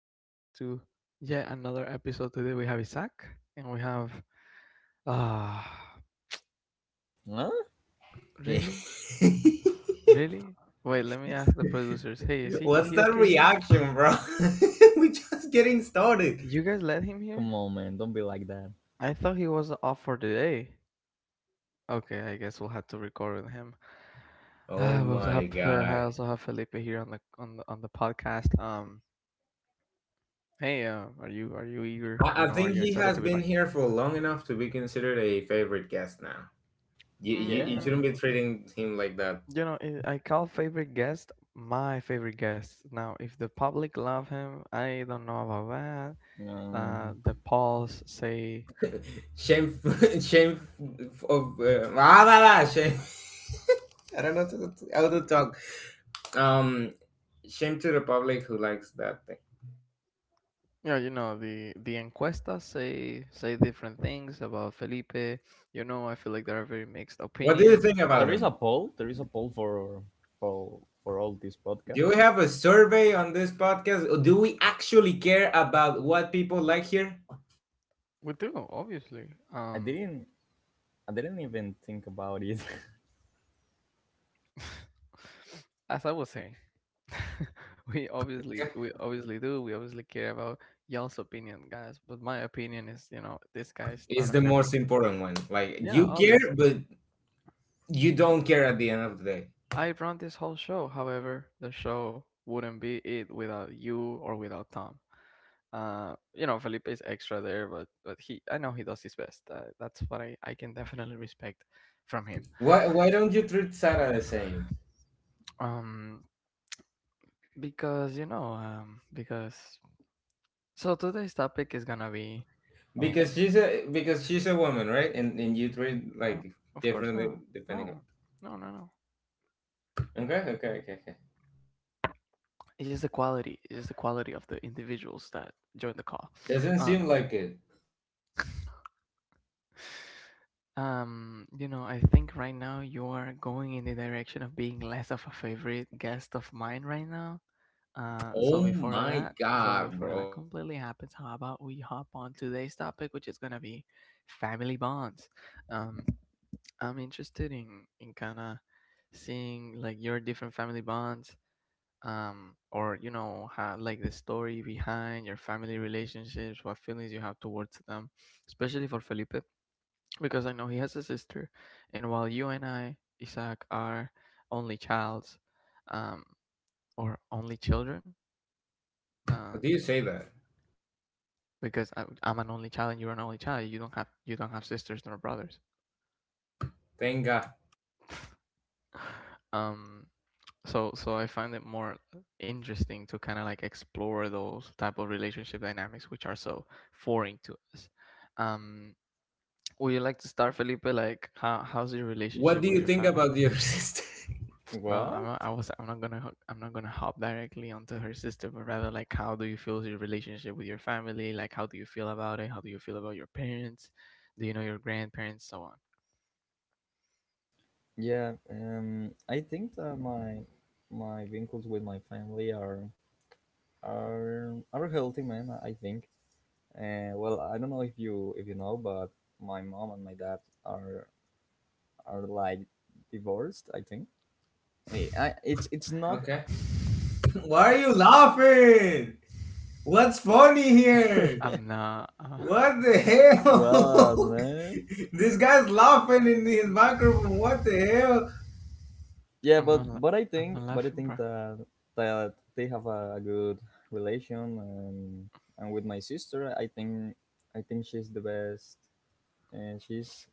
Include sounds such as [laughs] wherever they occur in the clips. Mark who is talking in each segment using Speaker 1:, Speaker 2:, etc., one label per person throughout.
Speaker 1: Welcome back to yet another episode. Today we have Isaac and we have. Ah,
Speaker 2: Huh?
Speaker 3: [laughs]
Speaker 1: really?
Speaker 3: What's
Speaker 1: Really? Wait, let me ask the producers. Hey, is he
Speaker 3: that
Speaker 1: okay here?
Speaker 3: reaction, bro? [laughs] We're just getting started.
Speaker 1: You guys let him here?
Speaker 2: Come on, man. Don't be like that.
Speaker 1: I thought he was off for today. Okay, I guess we'll have to record with him.
Speaker 3: Oh
Speaker 1: Ah, we also
Speaker 3: my
Speaker 1: have I
Speaker 3: god.
Speaker 1: also have Felipe here on the podcast. Hey, are you eager?
Speaker 3: I,
Speaker 1: You
Speaker 3: I
Speaker 1: know, are
Speaker 3: think
Speaker 1: you
Speaker 3: he
Speaker 1: excited
Speaker 3: has
Speaker 1: to be
Speaker 3: been
Speaker 1: back?
Speaker 3: here for long enough to be considered a favorite guest now. You
Speaker 2: Yeah.
Speaker 3: shouldn't be
Speaker 1: Mm,
Speaker 3: treating him like that.
Speaker 1: You know, I call favorite guest my favorite guest. Now, if the public love him, I don't know about that.
Speaker 2: Um,
Speaker 1: The polls say,
Speaker 3: Shame. [laughs] shame f- of ah, Blah, blah, shame. [laughs] I don't know how to talk. Um, Shame to the public who likes that thing.
Speaker 1: yeah, you know, the encuestas say different things about Felipe. You know, I feel like there are very mixed
Speaker 3: What do you
Speaker 1: opinions.
Speaker 3: think about
Speaker 2: there is a
Speaker 3: him?
Speaker 2: poll. There is a poll for for all this
Speaker 3: Do we
Speaker 2: podcast.
Speaker 3: have a survey on this podcast? Do we actually care about what people like here?
Speaker 1: We do, obviously.
Speaker 2: I didn't. I didn't even think about it.
Speaker 1: [laughs] As I was saying, [laughs] we obviously do. We obviously care about y'all's opinion, guys. But my opinion is, you know, this guy's not
Speaker 3: Is
Speaker 1: a
Speaker 3: the
Speaker 1: favorite
Speaker 3: most
Speaker 1: guest.
Speaker 3: important one. Like,
Speaker 1: Yeah,
Speaker 3: you
Speaker 1: obviously.
Speaker 3: care, but you don't care at the end of the day.
Speaker 1: I run this whole show. However, the show wouldn't be it without you or without Tom. You know, Felipe is extra there, but he, I know he does his best. That's what I can definitely respect from him.
Speaker 3: Why don't you treat Sarah the same?
Speaker 1: Um, because you know, because so today's topic is gonna be, eh,
Speaker 3: Because she's a woman, right? And you treat,
Speaker 1: no,
Speaker 3: like,
Speaker 1: of course
Speaker 3: differently
Speaker 1: not,
Speaker 3: depending on…
Speaker 1: no, no.
Speaker 3: Okay, okay, okay, okay.
Speaker 1: It's just the quality. It's just the quality of the individuals that join the call.
Speaker 3: Doesn't seem
Speaker 1: Um,
Speaker 3: like it.
Speaker 1: You know, I think right now you are going in the direction of being less of a favorite guest of mine right now. Uh, so
Speaker 3: Oh
Speaker 1: before
Speaker 3: my
Speaker 1: that, so
Speaker 3: god,
Speaker 1: before
Speaker 3: bro.
Speaker 1: that completely happens, how about we hop on today's topic, which is gonna be family bonds. Um, I'm interested in kind of seeing like your different family bonds. Or you know, how, like the story behind your family relationships, what feelings you have towards them, especially for Felipe because I know he has a sister, and while you and I, Isaac, are only childs, um, or only children, uh,
Speaker 3: How do you say that?
Speaker 1: because I'm an only child and you're an only child, you don't have sisters nor brothers,
Speaker 3: Thank God.
Speaker 1: [laughs] um, so I find it more interesting to kind of like explore those type of relationship dynamics which are so foreign to us. Um, would you like to start, Felipe? Like, how's your
Speaker 3: What
Speaker 1: relationship
Speaker 3: do
Speaker 1: with
Speaker 3: you
Speaker 1: your
Speaker 3: think
Speaker 1: family?
Speaker 3: about your [laughs] sister?
Speaker 2: [laughs]
Speaker 1: No,
Speaker 2: What?
Speaker 1: I'm not gonna I'm not gonna hop directly onto her sister, but rather like how do you feel your relationship with your family? Like how do you feel about it? How do you feel about your parents? Do you know your grandparents? So on.
Speaker 2: Yeah. I think that my vincles with my family are are healthy, man. I think. Well, I don't know if you know, but my mom and my dad are like divorced. I think. I it's not
Speaker 3: Okay.
Speaker 1: [laughs]
Speaker 3: Why are you laughing? What's funny here?
Speaker 1: I'm not. [laughs]
Speaker 3: What the
Speaker 2: what
Speaker 3: hell?
Speaker 2: man.
Speaker 3: [laughs] This guy's laughing in his microphone.
Speaker 1: Mm.
Speaker 3: What the hell?
Speaker 2: Yeah,
Speaker 1: I'm not.
Speaker 2: but but I
Speaker 1: I'm not
Speaker 2: think
Speaker 1: laughing, bro.
Speaker 2: that that they have a good relation, and with my sister, I think she's the best and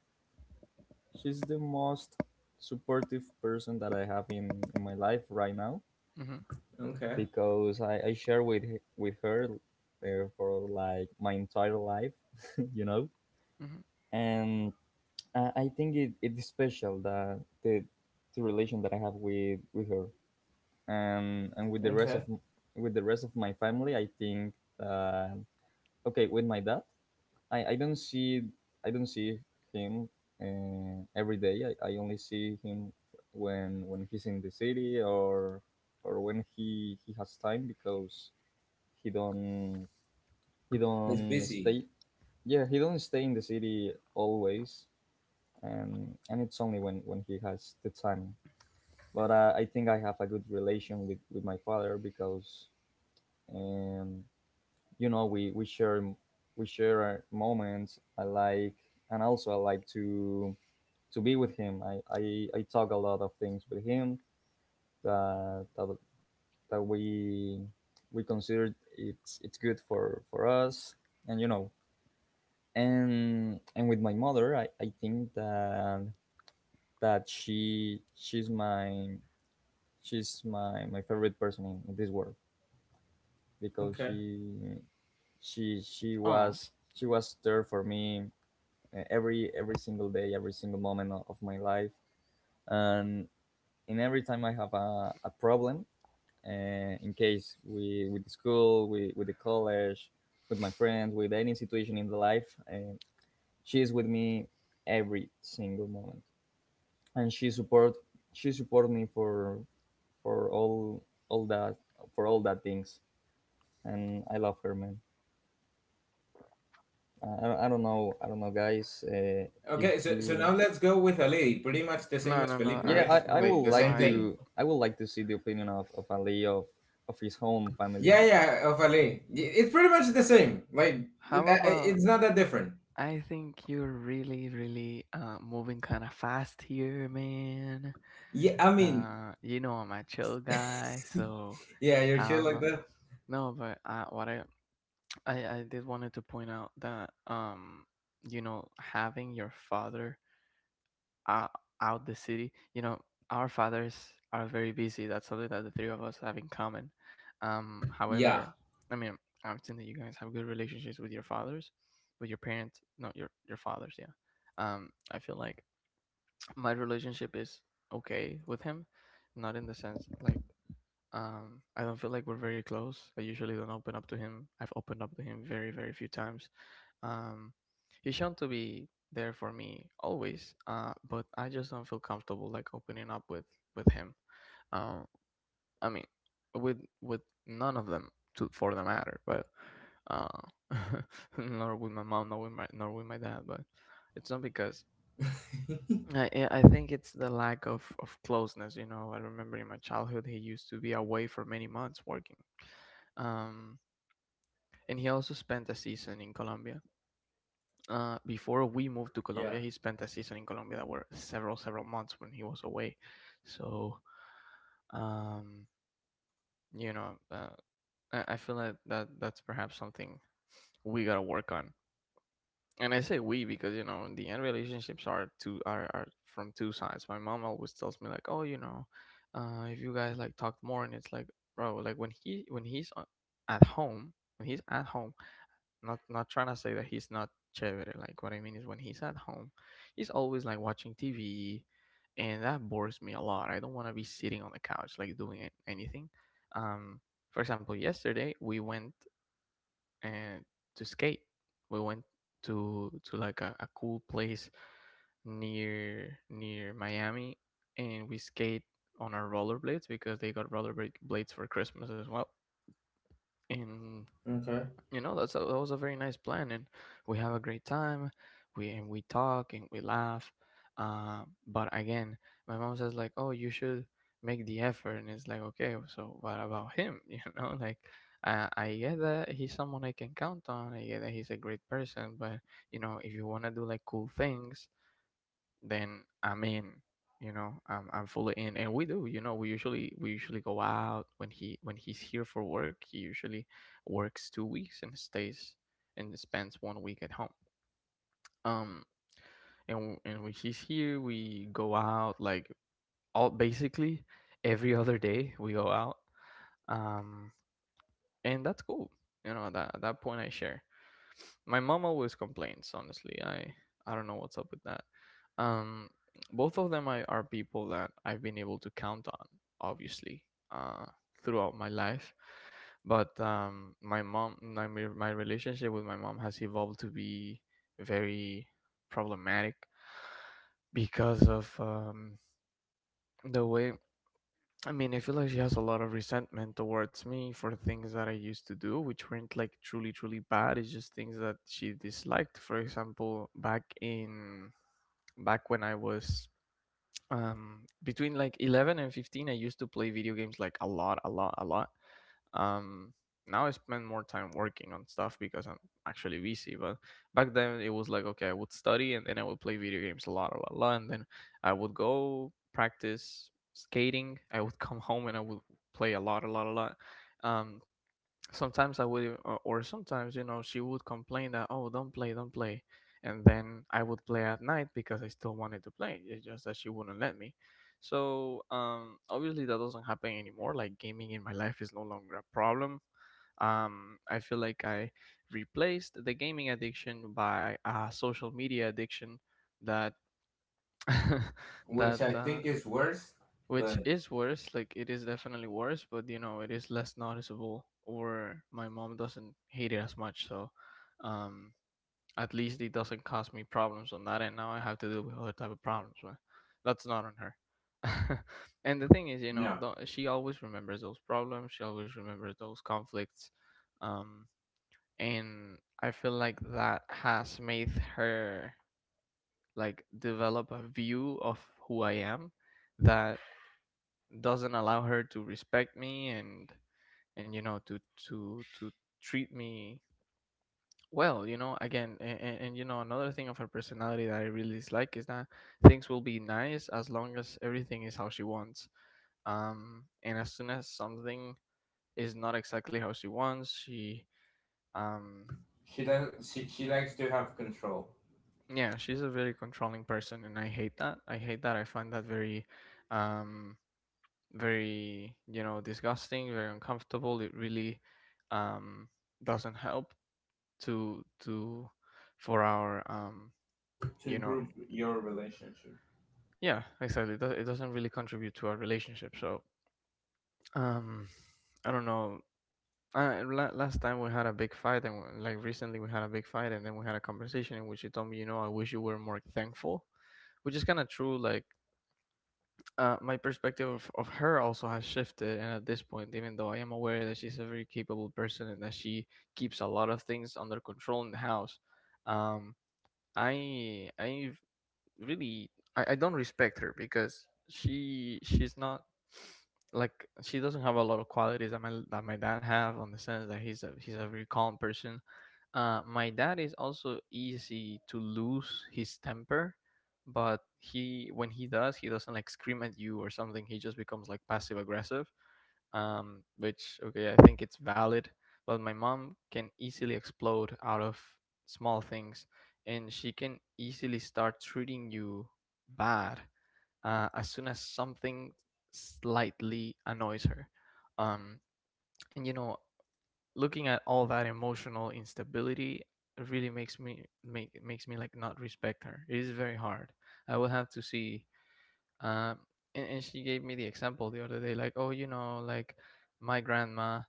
Speaker 2: she's the most supportive person that I have in my life right now
Speaker 1: Hmm.
Speaker 3: Okay,
Speaker 2: because I share with with her for like my entire life, [laughs] you know,
Speaker 1: Hmm.
Speaker 2: and I think it's special that the relation that I have with her. And with the rest of
Speaker 3: okay.
Speaker 2: with the rest of my family, I think uh, okay with my dad, I don't see I don't see him every day. I only see him when he's in the city or when he has time because he don't he
Speaker 3: He's
Speaker 2: don't
Speaker 3: busy.
Speaker 2: stay yeah he don't stay in the city always and it's only when he has the time, but I think I have a good relation with my father because and you know we share we share our moments I like and also I like to be with him I I talk a lot of things with him that that, that we consider it's good for us and you know. And with my mother i think that she she's my my favorite person in this world because
Speaker 3: Okay.
Speaker 1: Oh,
Speaker 2: she was there for me every single day, every single moment o- of my life and in every time I have a problem, uh, in case we with the school with the college with my friends with any situation in the life, and she is with me every single moment and she support me for all that for all that things. And I love her, man. I don't I don't know. I don't know, guys. If
Speaker 3: Okay, so
Speaker 2: you,
Speaker 3: now let's go with Ali. Pretty much the same
Speaker 1: no,
Speaker 3: as
Speaker 1: no, no!
Speaker 3: Felipe,
Speaker 1: I
Speaker 2: yeah,
Speaker 3: right?
Speaker 1: think
Speaker 2: I
Speaker 1: no,
Speaker 3: Like
Speaker 2: would
Speaker 3: the
Speaker 1: no.
Speaker 2: like
Speaker 3: same
Speaker 1: I,
Speaker 3: thing.
Speaker 2: to. I would like to see the opinion of Ali of his own family.
Speaker 3: Yeah, yeah, of Ali. It's pretty much the same. Like,
Speaker 1: how about
Speaker 3: it's not that different.
Speaker 1: I think you're really moving kind of fast here, man.
Speaker 3: Yeah, I mean,
Speaker 1: You know, I'm a chill guy, so
Speaker 3: yeah, you're chill
Speaker 1: um,
Speaker 3: like
Speaker 1: uh,
Speaker 3: that?
Speaker 1: no, but [tsk] I did wanted to point out that you know, having your father out the city, you know, our fathers are very busy. That's something that the three of us have in common. However,
Speaker 3: Yeah,
Speaker 1: I mean, I've seen that you guys have good relationships with your fathers, with your parents. No, your fathers, yeah. I feel like my relationship is okay with him, not in the sense like I don't feel like we're very close. I usually don't open up to him. I've opened up to him very, very few times. Um, he's shown to be there for me always, but I just don't feel comfortable like opening up with him. Um, I mean, with none of them to for the matter, but uh, [laughs] nor with my mom, nor with my dad. But it's not because I think it's the lack of closeness. You know, I remember in my childhood he used to be away for many months working, um, and he also spent a season in Colombia. Before we moved to
Speaker 3: yeah.
Speaker 1: Colombia, he spent a season in Colombia that were several, several months when he was away. So, um, you know, I feel like that's perhaps something we gotta work on. And I say we because you know in the end relationships are two are from two sides. My mom always tells me like, oh, you know, if you guys like talked more, and it's like, bro, like when he's at home, when he's at home, not trying to say that he's not chévere. Like what I mean is when he's at home, he's always like watching TV, and that bores me a lot. I don't want to be sitting on the couch like doing anything. Um, for example, yesterday we went and to skate. We went to like a cool place near Miami, and we skate on our rollerblades because they got rollerblade blades for Christmas as well. And
Speaker 3: Okay.
Speaker 1: you know that's that was a very nice plan, and we have a great time, we and we talk and we laugh. But again, my mom says like, oh, you should make the effort, and it's like, okay, so what about him? [laughs] you know, like I get that he's someone I can count on, I get that he's a great person, but you know, if you want to do like cool things, then I'm in. You know, I'm fully in, and we do. You know, we usually go out when he when he's here for work. He usually works 2 weeks and stays and spends one week at home. Um, and when he's here, we go out like all basically every other day. We go out. Um, and that's cool. You know, that at that point I share. My mom always complains, honestly. I don't know what's up with that. Um, both of them are people that I've been able to count on, obviously, uh, throughout my life. But my relationship with my mom has evolved to be very problematic because of the way I mean, I feel like she has a lot of resentment towards me for things that I used to do, which weren't like truly, truly bad. It's just things that she disliked. For example, back when I was between like 11 and 15, I used to play video games like a lot, a lot, a lot. um, now I spend more time working on stuff because I'm actually busy. But back then it was like, okay, I would study and then I would play video games a lot, a lot, a lot, and then I would go practice skating. I would come home and I would play a lot, a lot, a lot. Um, sometimes I would, or sometimes, you know, she would complain that, oh, don't play, don't play. And then I would play at night because I still wanted to play. It's just that she wouldn't let me. So, obviously, that doesn't happen anymore. Like, gaming in my life is no longer a problem. I feel like I replaced the gaming addiction by a social media addiction that [laughs]
Speaker 3: Which
Speaker 1: that
Speaker 3: I think is worse,
Speaker 1: which
Speaker 3: but
Speaker 1: is worse. Like it is definitely worse, but you know it is less noticeable. Or my mom doesn't hate it as much, so um, at least it doesn't cause me problems on that end. Now I have to deal with other type of problems, but that's not on her. [laughs] And the thing is, you
Speaker 3: no.
Speaker 1: know, she always remembers those problems. She always remembers those conflicts. um, and I feel like that has made her like develop a view of who I am that doesn't allow her to respect me, and you know, to treat me well, you know. Again, and you know, another thing of her personality that I really dislike is that things will be nice as long as everything is how she wants, and as soon as something is not exactly how she wants, she um
Speaker 3: She does. She likes to have control.
Speaker 1: yeah, she's a very controlling person, and I hate that, I hate that. I find that very um very, you know, disgusting, very uncomfortable. It really um doesn't help to for our
Speaker 3: To
Speaker 1: you know,
Speaker 3: improve your relationship.
Speaker 1: yeah, exactly, it doesn't really contribute to our relationship. So um I don't know. Last time we had a big fight, and like recently we had a big fight, and then we had a conversation in which you told me, you know, I wish you were more thankful, which is kind of true. Like my perspective of her also has shifted, and at this point, even though I am aware that she's a very capable person and that she keeps a lot of things under control in the house, um, I have really, I don't respect her because she's not, [sniffs] like, she doesn't have a lot of qualities that my dad have, on the sense that he's a very calm person. My dad is also easy to lose his temper, but he, when he does, he doesn't like scream at you or something. He just becomes like passive aggressive, which, okay, I think it's valid. But my mom can easily explode out of small things, and she can easily start treating you bad as soon as something slightly annoys her. Um, and you know, looking at all that emotional instability really makes me like not respect her. It is very hard. I will have to see. um and she gave me the example the other day, like, oh, you know, like my grandma,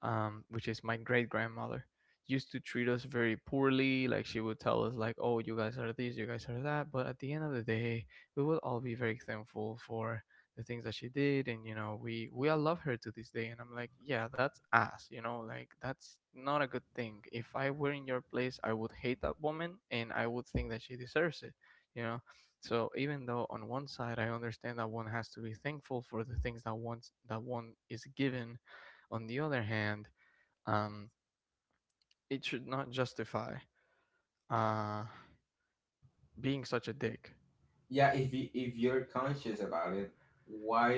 Speaker 1: which is my great grandmother, used to treat us very poorly. Like, she would tell us like, oh, you guys are this, you guys are that, but at the end of the day, we will all be very thankful for the things that she did, and you know, we all love her to this day. And I'm like, yeah, that's ass, you know, like that's not a good thing. If I were in your place, I would hate that woman, and I would think that she deserves it, you know. So even though on one side I understand that one has to be thankful for the things that one's that one is given, on the other hand, um, it should not justify uh, being such a dick.
Speaker 3: Yeah, if you're conscious about it, why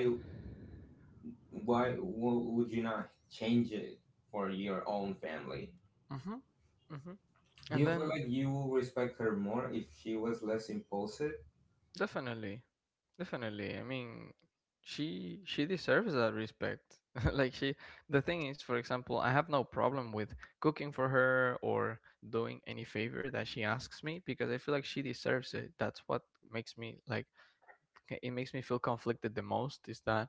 Speaker 3: why would you not change it for your own family?
Speaker 1: Mm-hmm, mm-hmm.
Speaker 3: Do you
Speaker 1: And
Speaker 3: feel
Speaker 1: then
Speaker 3: like you will respect her more if she was less impulsive?
Speaker 1: definitely, definitely. I mean, she deserves that respect. [laughs] Like she, the thing is, for example, I have no problem with cooking for her or doing any favor that she asks me, because I feel like she deserves it. That's what makes me like, okay, it makes me feel conflicted the most, is that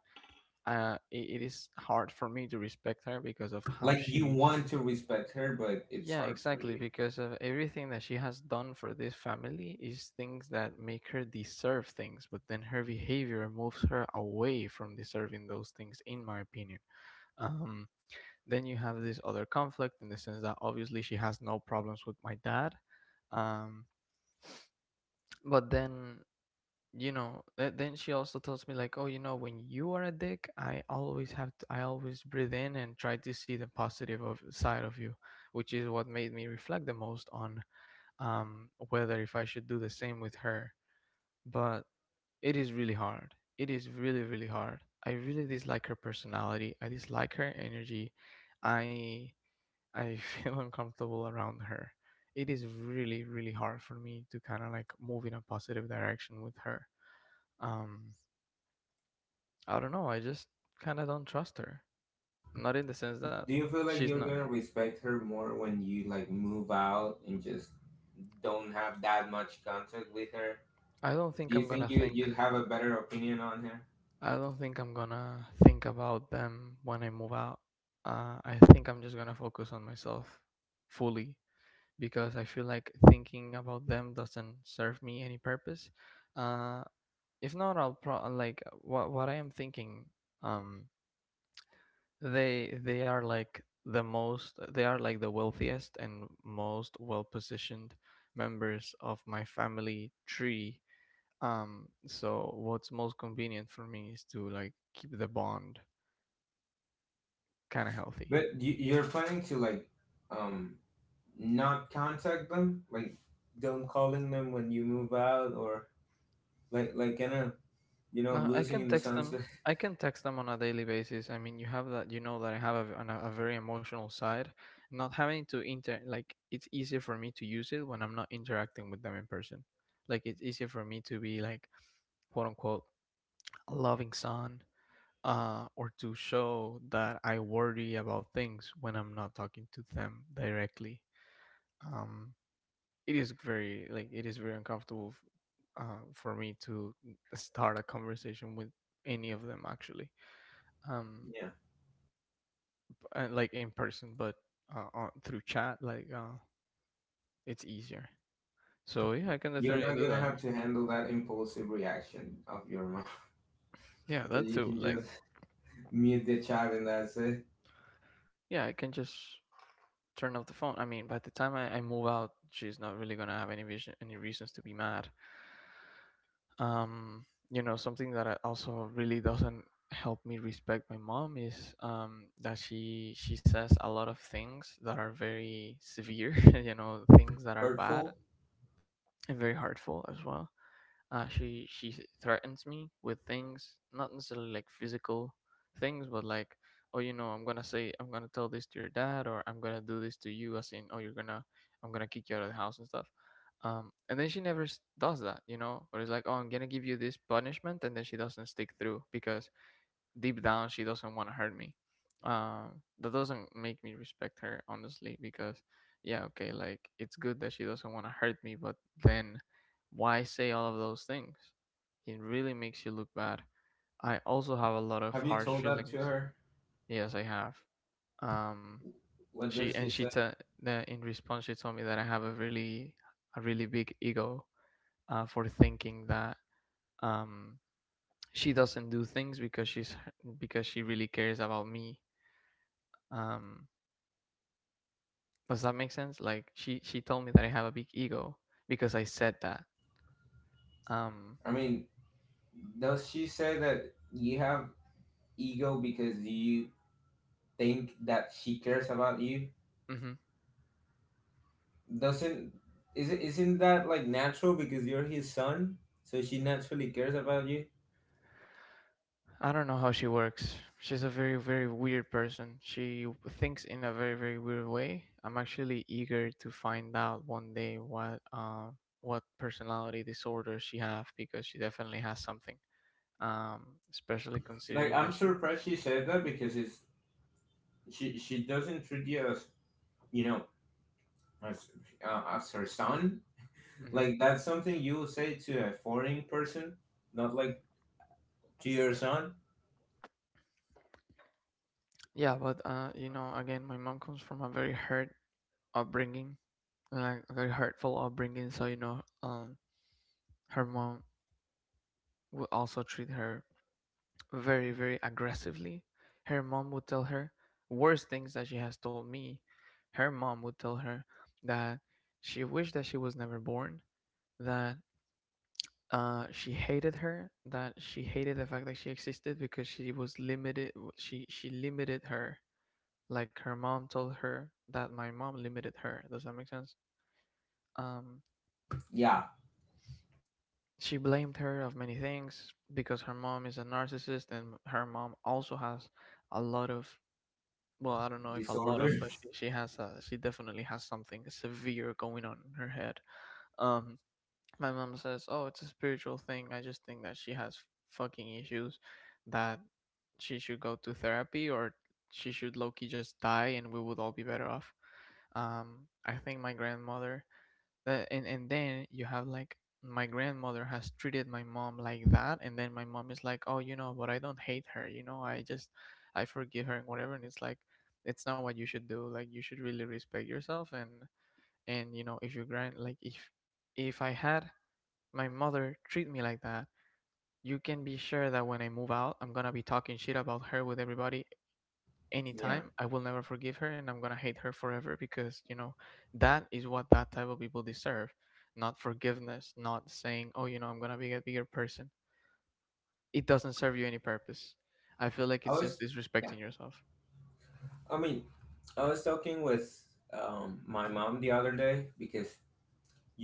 Speaker 1: it is hard for me to respect her because of how
Speaker 3: Like, you
Speaker 1: she,
Speaker 3: want to respect her, but it's
Speaker 1: yeah,
Speaker 3: hard for
Speaker 1: exactly,
Speaker 3: you.
Speaker 1: because of everything that she has done for this family is things that make her deserve things, but then her behavior moves her away from deserving those things, in my opinion. um, then you have this other conflict in the sense that obviously she has no problems with my dad, um, but then, you know, then she also tells me, like, oh, you know, when you are a dick, I always have to, I always breathe in and try to see the positive of side of you, which is what made me reflect the most on whether if I should do the same with her. But it is really hard. It is really really hard. I really dislike her personality. I dislike her energy. i I [laughs] feel uncomfortable around her. It is really really hard for me to kind of like move in a positive direction with her. um I don't know. I just kind of don't trust her. Not in the sense that
Speaker 3: Do you feel
Speaker 1: she's
Speaker 3: like
Speaker 1: not.
Speaker 3: you're gonna respect her more when you, like, move out and just don't have that much contact with her?
Speaker 1: I don't think
Speaker 3: Do
Speaker 1: I'm
Speaker 3: you
Speaker 1: gonna
Speaker 3: think you
Speaker 1: think.
Speaker 3: you'd have a better opinion on her?
Speaker 1: I don't think I'm gonna think about them when I move out. I think I'm just gonna focus on myself fully, because I feel like thinking about them doesn't serve me any purpose. Uh, if not, I'll pro like what I am thinking. Um, they are like the wealthiest and most well positioned members of my family tree. So what's most convenient for me is to like keep the bond kind of healthy.
Speaker 3: But you're planning to, like, um not contact them, like, don't calling them when you move out, or like in a,
Speaker 1: No, I can
Speaker 3: losing in the
Speaker 1: text them.
Speaker 3: sunset.
Speaker 1: I can text them on a daily basis. I mean, you have that. You know that I have a, a very emotional side. Not having to inter, like, it's easier for me to use it when I'm not interacting with them in person. Like, it's easier for me to be like, quote unquote, a loving son, or to show that I worry about things when I'm not talking to them directly. Um, it is very like it is very uncomfortable for me to start a conversation with any of them, actually, um,
Speaker 3: [laughs] Yeah,
Speaker 1: and, like, in person, but on, through chat, like, it's easier. So yeah, I can
Speaker 3: you're
Speaker 1: definitely do
Speaker 3: not gonna
Speaker 1: that.
Speaker 3: have to handle that impulsive reaction of your mom. [laughs]
Speaker 1: Yeah,
Speaker 3: That
Speaker 1: that
Speaker 3: you
Speaker 1: too.
Speaker 3: can
Speaker 1: Like,
Speaker 3: just [laughs] mute the chat and that's it.
Speaker 1: yeah, I can just turn off the phone. I mean, by the time I move out, she's not really gonna have any vision, any reasons to be mad. You know, something that also really doesn't help me respect my mom is, that she says a lot of things that are very severe, [laughs] you know, things that are bad
Speaker 3: Hurtful.
Speaker 1: and very hurtful as well. She threatens me with things, not necessarily like physical things, but like, oh, you know, I'm gonna say, I'm gonna tell this to your dad, or I'm gonna do this to you, as in, oh, you're gonna, I'm gonna kick you out of the house and stuff. And then she never does that, you know, or it's like, oh, I'm gonna give you this punishment, and then she doesn't stick through, because deep down she doesn't want to hurt me. Uh, that doesn't make me respect her, honestly, because, yeah, okay, like, it's good that she doesn't want to hurt me, but then why say all of those things? It really makes you look bad. I also have a lot of
Speaker 3: Have you
Speaker 1: harsh
Speaker 3: told that to
Speaker 1: feelings.
Speaker 3: her?
Speaker 1: Yes, I have. Um,
Speaker 3: What
Speaker 1: she
Speaker 3: does
Speaker 1: and
Speaker 3: she
Speaker 1: she
Speaker 3: say?
Speaker 1: t- the, in response she told me that I have a really, a really big ego, for thinking that, um, she doesn't do things because she really cares about me. Um, does that make sense? Like, she told me that I have a big ego because I said that. Um,
Speaker 3: I mean, does she say that you have ego because you think that she cares about you?
Speaker 1: mhm.
Speaker 3: Doesn't is it Isn't that, like, natural, because you're his son, so she naturally cares about you?
Speaker 1: I don't know how she works. She's a very very weird person. She thinks in a very very weird way. I'm actually eager to find out one day what, what personality disorder she have, because she definitely has something. Especially
Speaker 3: Like,
Speaker 1: considering that
Speaker 3: I'm
Speaker 1: she.
Speaker 3: surprised she said that, because it's she doesn't treat you as, you know as as her son.
Speaker 1: Mhm.
Speaker 3: Like, that's something you would say to a foreign person, not, like, to your son.
Speaker 1: Yeah, but you know, again, my mom comes from a very hurt upbringing, like very hurtful upbringing. So, you know, her mom would also treat her very very aggressively. Her mom would tell her worse things that she has told me. Her mom would tell her that she wished that she was never born, that she hated her, that she hated the fact that she existed because she was limited, she limited her. Like, her mom told her that my mom limited her. Does that make sense? um
Speaker 3: Yeah.
Speaker 1: She blamed her of many things because her mom is a narcissist, and her mom also has a lot of, well, I don't know if a lot of,
Speaker 3: Disorder.
Speaker 1: but she has a, she definitely has something severe going on in her head. Um, my mom says, "Oh, it's a spiritual thing. I just think that she has fucking issues, that she should go to therapy, or she should low-key just die and we would all be better off." I think my grandmother, that, and then you have, like, my grandmother has treated my mom like that, and then my mom is like, oh, you know, but I don't hate her, you know, I just, I forgive her and whatever, and it's like, it's not what you should do. Like, you should really respect yourself, and you know, if you grand like if I had my mother treat me like that, you can be sure that when I move out, I'm gonna be talking shit about her with everybody, anytime.
Speaker 3: [laughs] Yeah.
Speaker 1: I will never forgive her, and I'm gonna hate her forever, because, you know, that is what that type of people deserve. Not forgiveness, not saying, oh, you know, I'm gonna be a bigger person. It doesn't serve you any purpose. I feel like
Speaker 3: I
Speaker 1: it's just
Speaker 3: was,
Speaker 1: disrespecting
Speaker 3: yeah,
Speaker 1: yourself.
Speaker 3: I mean, I was talking with my mom the other day, because,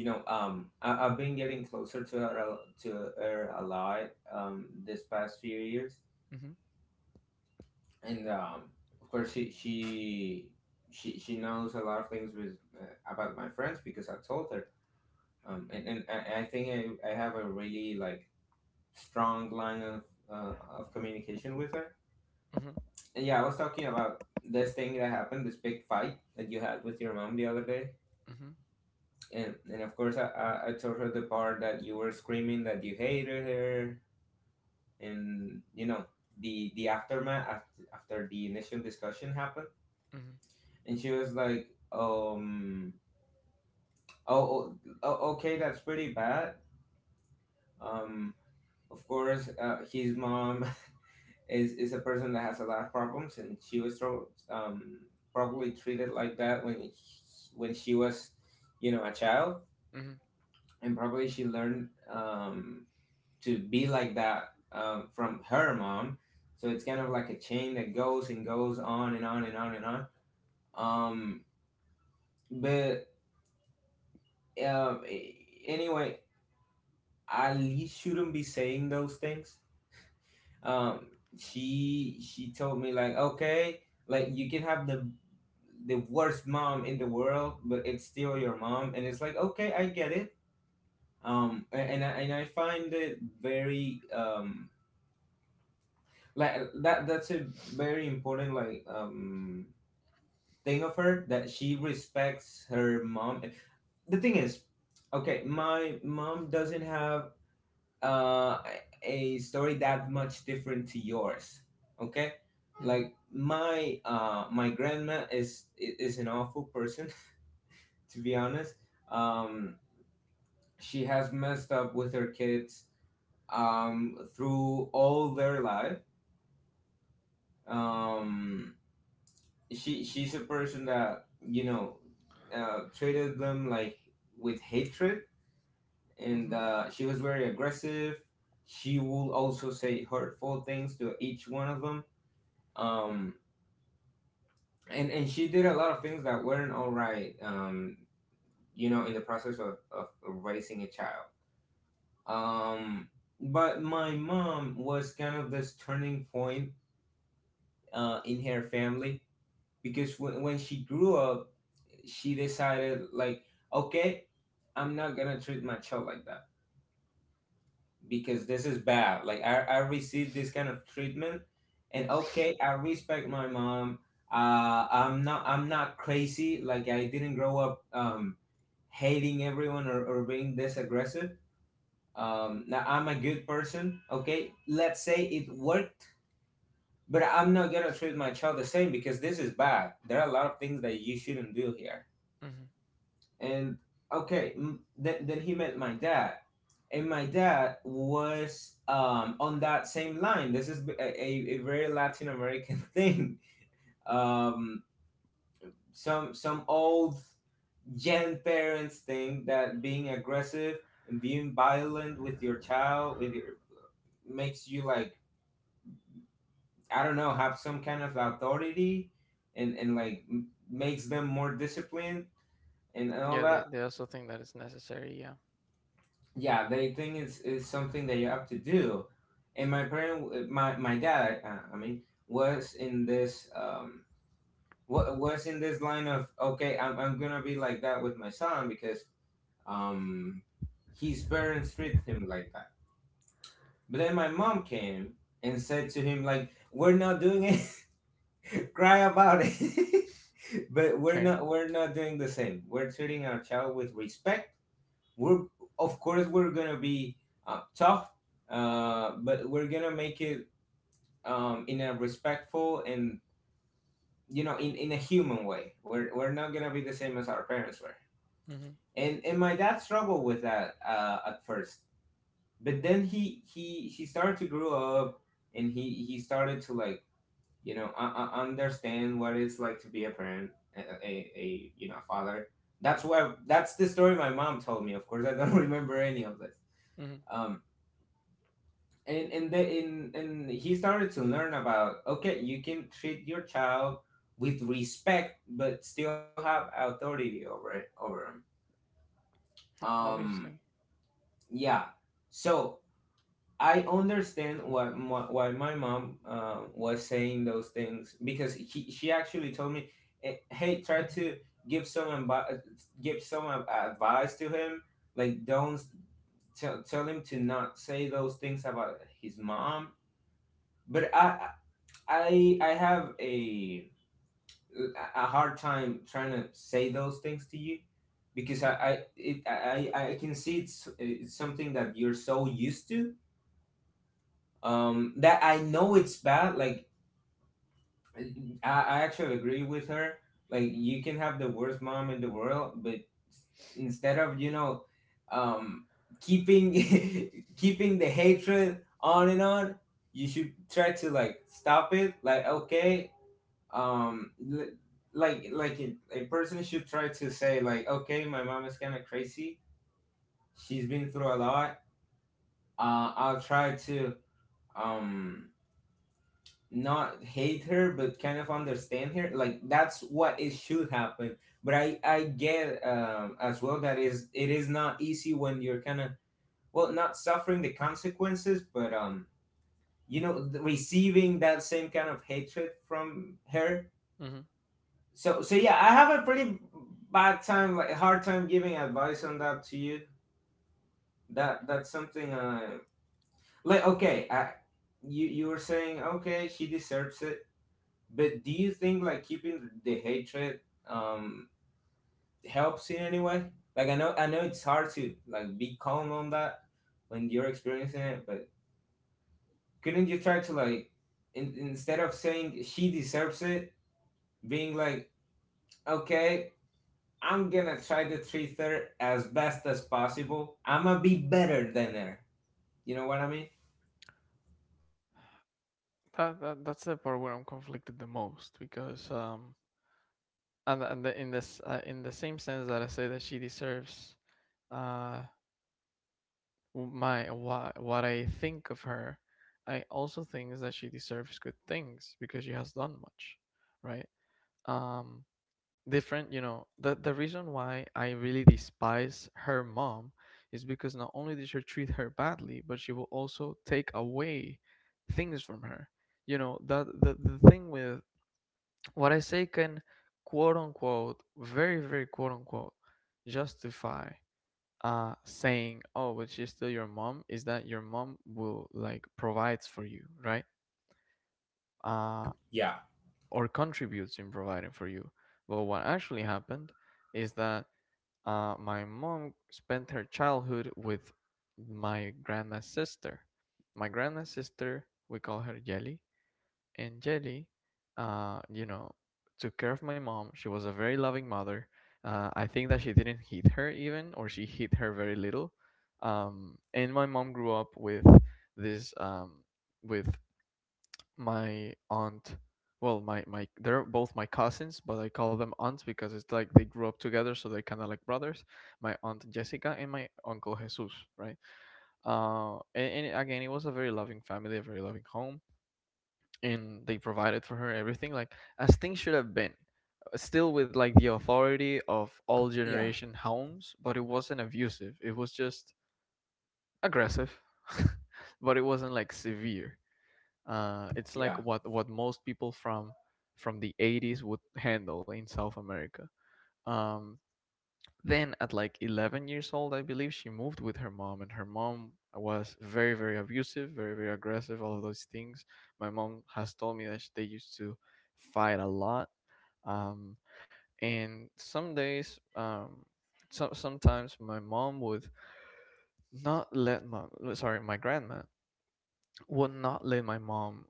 Speaker 3: I've been getting closer to her, to her a lot, this past few years,
Speaker 1: Mm-hmm.
Speaker 3: and of course, she knows a lot of things with, about my friends, because I told her, and I think I have a really, like, strong line of, of communication with her.
Speaker 1: Mm-hmm.
Speaker 3: And yeah, I was talking about this thing that happened, this big fight that you had with your mom the other day,
Speaker 1: Mm-hmm.
Speaker 3: and of course I told her the part that you were screaming that you hated her, and, the aftermath, after the initial discussion happened.
Speaker 1: Mm-hmm.
Speaker 3: And she was like, um oh, oh, oh, okay, that's pretty bad. um of course, his mom [laughs] is a person that has a lot of problems, and she was probably treated like that when when she was, a child,
Speaker 1: Mm-hmm.
Speaker 3: and probably she learned, to be like that, from her mom. So it's kind of like a chain that goes and goes on and on and on and on. Um, but um, a- anyway, Ali shouldn't be saying those things. Um, she told me, like, okay, like, you can have the worst mom in the world, but it's still your mom, and it's like, okay, I get it. And I find it very, like, that's a very important, like, thing of her, that she respects her mom. The thing is, okay, my mom doesn't have, uh a story that much different to yours. Okay,
Speaker 1: Mm-hmm,
Speaker 3: like, my grandma is an awful person, [laughs] to be honest. um she has messed up with her kids, through all their life. um she's a person that, treated them, like, with hatred,
Speaker 1: mm-hmm.
Speaker 3: and, she was very aggressive. She would also say hurtful things to each one of them, um, and she did a lot of things that weren't all right, in the process of raising a child, um, but my mom was kind of this turning point, in her family, because when she grew up, she decided like, okay, I'm not gonna treat my child like that, because this is bad, like, I received this kind of treatment, and, okay, I respect my mom, I'm not crazy, like, I didn't grow up, hating everyone, or being this aggressive. Now I'm a good person, okay, let's say it worked. But I'm not gonna treat my child the same, because this is bad, there are a lot of things that you shouldn't do here.
Speaker 1: Hmm.
Speaker 3: And, okay, then, he met my dad, and my dad was, on that same line. This is a, very Latin American [laughs] thing. um, some old gen parents think that being aggressive and being violent with your child, with makes you, like, I don't know, have some kind of authority, and like, makes them more disciplined, and all
Speaker 1: Yeah, they,
Speaker 3: that.
Speaker 1: they also think that it's necessary. Yeah,
Speaker 3: Yeah, they think it's something that you have to do. And my my dad, I mean, was in this uh, was in this line of, okay, I'm gonna be like that with my son, because, um his parents treat him like that. But then my mom came and said to him, like, we're not doing it, [laughs] cry about it, [laughs] but
Speaker 1: fair.
Speaker 3: we're not doing the same. We're treating our child with respect. We're, of course, we're gonna be, tough, but we're gonna make it, in a respectful, and, in a human way. We're not gonna be the same as our parents were.
Speaker 1: Hmm.
Speaker 3: And my dad struggled with that, at first, but then he started to grow up, and he started to, like, understand what it's like to be a parent, a, a father. That's the story my mom told me. Of course, I don't [laughs] remember any of this.
Speaker 1: Hmm.
Speaker 3: Um, and he started to learn about, okay, you can treat your child with respect but still have authority over him. um
Speaker 1: Obviously.
Speaker 3: yeah, so I understand what why my mom, was saying those things, because she actually told me, hey, try to give some advice to him, like, don't tell him to not say those things about his mom. But I have a hard time trying to say those things to you, because
Speaker 1: Hmm.
Speaker 3: I can see it's something that you're so used to, that I know it's bad. Like, I, I actually agree with her, like, you can have the worst mom in the world, but, s- instead of, um keeping [laughs] keeping the hatred on and on, you should try to, like, stop it. Like, okay, um l- like, a person should try to say, like, okay, my mom is kind of crazy, she's been through a lot, I'll try to, um not hate her but kind of understand her, like, that's what it should happen. But I get, as well, that is it is not easy when you're kind of, well, not suffering the consequences, but, receiving that same kind of hatred from her.
Speaker 1: Hmm.
Speaker 3: So yeah, I have a pretty bad time, like, hard time giving advice on that to you. That's something. Like, okay, you were saying, okay, she deserves it, but do you think, like, keeping the hatred, um helps in any way? Like I know it's hard to like be calm on that when you're experiencing it, but couldn't you try to like instead of saying she deserves it, being like okay, I'm gonna try to treat her as best as possible. I'm gonna be better than her. You know what I mean?
Speaker 1: That's the part where I'm conflicted the most, because and the, in this in the same sense that I say that she deserves, uh w- my what I think of her, I also think is that she deserves good things, because she has done much, right? Um, Different, you know, the reason why I really despise her mom is because not only did she treat her badly, but she will also take away things from her. You know, the thing with what I say can quote unquote very quote unquote justify saying, oh, but she's still your mom, is that your mom will, like, provides for you, right? uh
Speaker 3: Yeah,
Speaker 1: or contributes in providing for you. But what actually happened is that my mom spent her childhood with my grandma's sister. My grandma's sister, we call her Jelly, and Jelly, uh, you know, took care of my mom. She was a very loving mother. I think that she didn't hit her even, or she hit her very little. And my mom grew up with this, um, with my aunt. Well, my they're both my cousins, but I call them aunts because it's like they grew up together, so they're kind of like brothers. My aunt Jessica and my uncle Jesus, right? And again, it was a very loving family, a very loving home, and they provided for her everything, like, as things should have been. Still with like the authority of all
Speaker 3: yeah,
Speaker 1: generation homes, but it wasn't abusive, it was just aggressive [laughs] but it wasn't like severe. It's like
Speaker 3: yeah.
Speaker 1: what most people from the 80s would [laughs] handle in South America. Um, then at like 11 years old, I believe she moved with her mom, and her mom was very abusive, very aggressive, all of those things. My mom has told me that they used to fight a lot. Um, and Some days, sometimes my mom would not let my sorry my grandma would not let my mom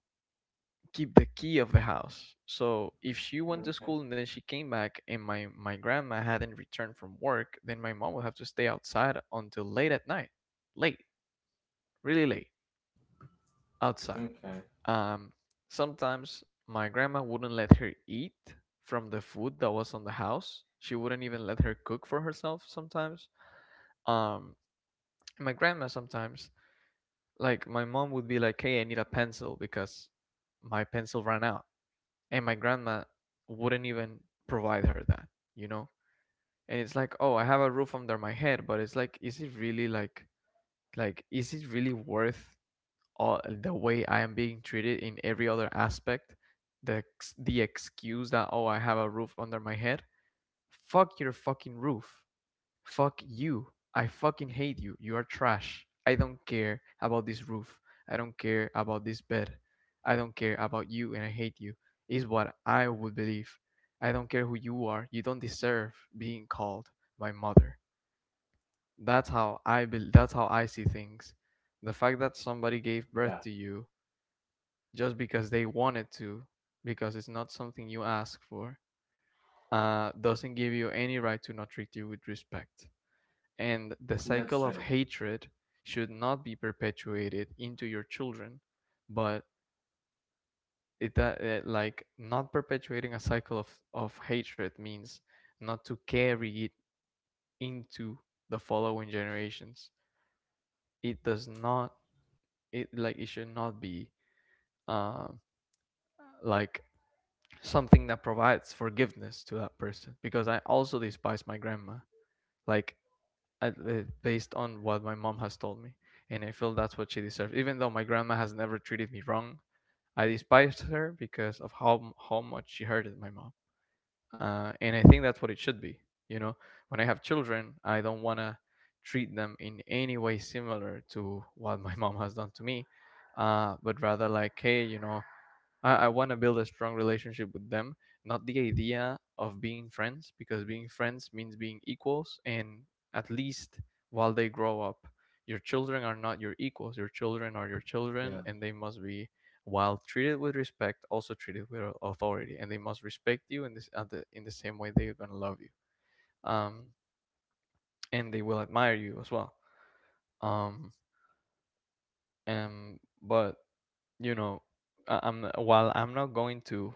Speaker 1: keep the key of the house. So if she went to
Speaker 3: Okay.
Speaker 1: school and then she came back and my grandma hadn't returned from work, then my mom would have to stay outside until late at night. Late, really late, outside.
Speaker 3: Okay.
Speaker 1: Um Sometimes my grandma wouldn't let her eat from the food that was on the house. She wouldn't even let her cook for herself sometimes. Um and my grandma sometimes, like my mom would be like, "Hey, I need a pencil because my pencil ran out." And my grandma wouldn't even provide her that, you know. And it's like, oh, I have a roof under my head, but it's like, is it really, like, is it really worth all the way I am being treated in every other aspect? The the excuse that, oh, I have a roof under my head — fuck your fucking roof. Fuck you. I fucking hate you. You are trash. I don't care about this roof. I don't care about this bed. I don't care about you, and I hate you. Is what I would believe. I don't care who you are. You don't deserve being called my mother. That's how I bel that's how I see things. The fact that somebody gave birth
Speaker 3: Yeah.
Speaker 1: to you just because they wanted to, because it's not something you ask for, doesn't give you any right to not treat you with respect. And the cycle
Speaker 3: That's
Speaker 1: of
Speaker 3: right.
Speaker 1: hatred should not be perpetuated into your children. But it, like, not perpetuating a cycle of hatred means not to carry it into the following generations. It does not, it, like, it should not be, um like something that provides forgiveness to that person, because I also despise my grandma. Like, I, uh, based on what my mom has told me, and I feel that's what she deserves. Even though my grandma has never treated me wrong, I despise her because of how much she hurted my mom. And I think that's what it should be. You know, when I have children, I don't wanna treat them in any way similar to what my [laughs] mom has done to me, but rather like, hey, you know, I want to build a strong relationship with them, not the idea of being friends, because being friends means being equals, and at least while they grow up, your children are not your equals. Your children are your children, and they must be, while treated with respect, also treated with authority, and they must respect you in in the same way they're gonna love you, um, and they will admire you as well. Um, and But you know, I'm, while I'm not going to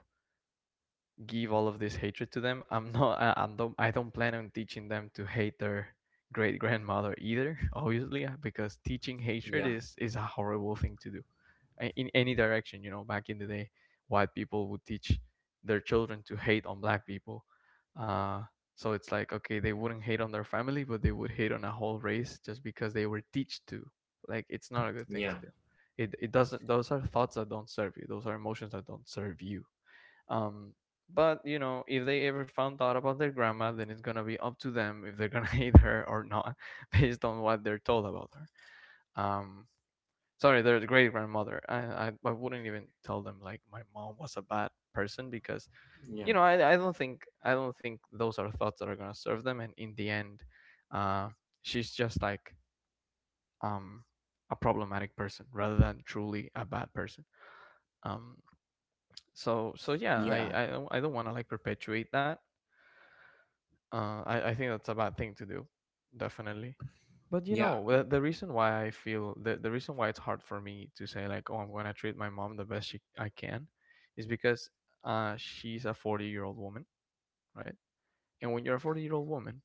Speaker 1: give all of this hatred to them. I'm not. I don't. I don't plan on teaching them to hate their great grandmother either. [laughs] Obviously, because teaching hatred is a horrible thing to do in any direction. You know, back in the day, white people would teach their children to hate on black people. Uh, so it's like, okay, they wouldn't hate on their family, but they would hate on a whole race just because they were taught to. Like, it's not a good thing
Speaker 3: yeah,
Speaker 1: to do. It doesn't. Those are thoughts that don't serve you. Those are emotions that don't serve you, um, but you know, if they ever found out about their grandma, then it's gonna be up to them if they're gonna [laughs] hate her or not, [laughs] based on what they're told about her. Um, Sorry, their great grandmother. I wouldn't even tell them like my mom was a bad person, because
Speaker 3: Yeah.
Speaker 1: you know, I don't think those are thoughts that are gonna serve them, and in the end, uh, she's just like, um a problematic person rather than truly a bad person. Um, so yeah,
Speaker 3: Yeah.
Speaker 1: I don't want to, like, perpetuate that. I think that's a bad thing to do, definitely. But you
Speaker 3: Yeah.
Speaker 1: know, the reason why I feel, the reason why it's hard for me to say like, oh, I'm gonna treat my mom the best I can, is because she's a 40-year-old woman, right? And when you're a 40-year-old woman,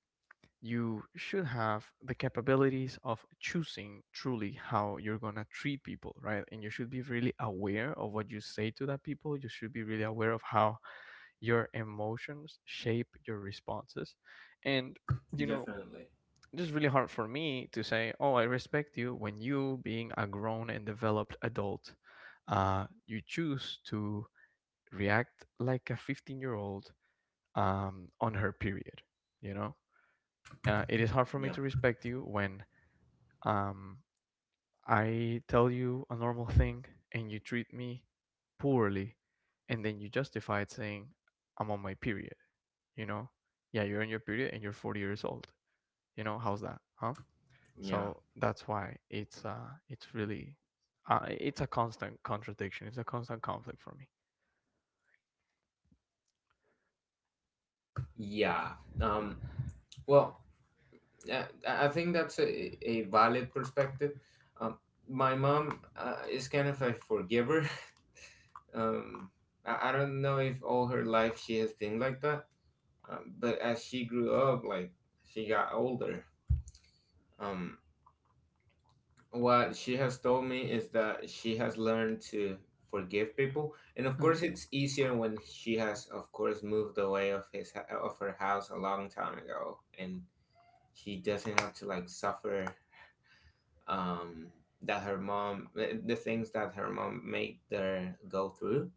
Speaker 1: you should have the capabilities of choosing truly how you're going to treat people, right? And you should be really aware of what you say to that people. You should be really aware of how your emotions shape your responses. And you know,
Speaker 3: Definitely.
Speaker 1: it's really hard for me to say, oh, I respect you, when you, being a grown and developed adult, you choose to react like a 15-year old, on her period, you know. It is hard for me
Speaker 3: Yeah.
Speaker 1: to respect you when, um, I tell you a normal thing and you treat me poorly, and then you justify it saying, I'm on my period, you know? Yeah, you're on your period and you're 40 years old. You know, how's that, huh?
Speaker 3: Yeah,
Speaker 1: So that's why it's really, it's a constant contradiction. It's a constant conflict for me.
Speaker 3: yeah. Um, well, I think that's a valid perspective. Um, my mom is kind of a forgiver. [laughs] Um, I don't know if all her life she has been like that. But as she grew up, like she got older, um, what she has told me is that she has learned to forgive people, and of
Speaker 1: Uh-huh.
Speaker 3: course, it's easier when she has, of course, moved away of his of her house a long time ago, and she doesn't have to like suffer, um, that her mom, the things that her mom made her go through.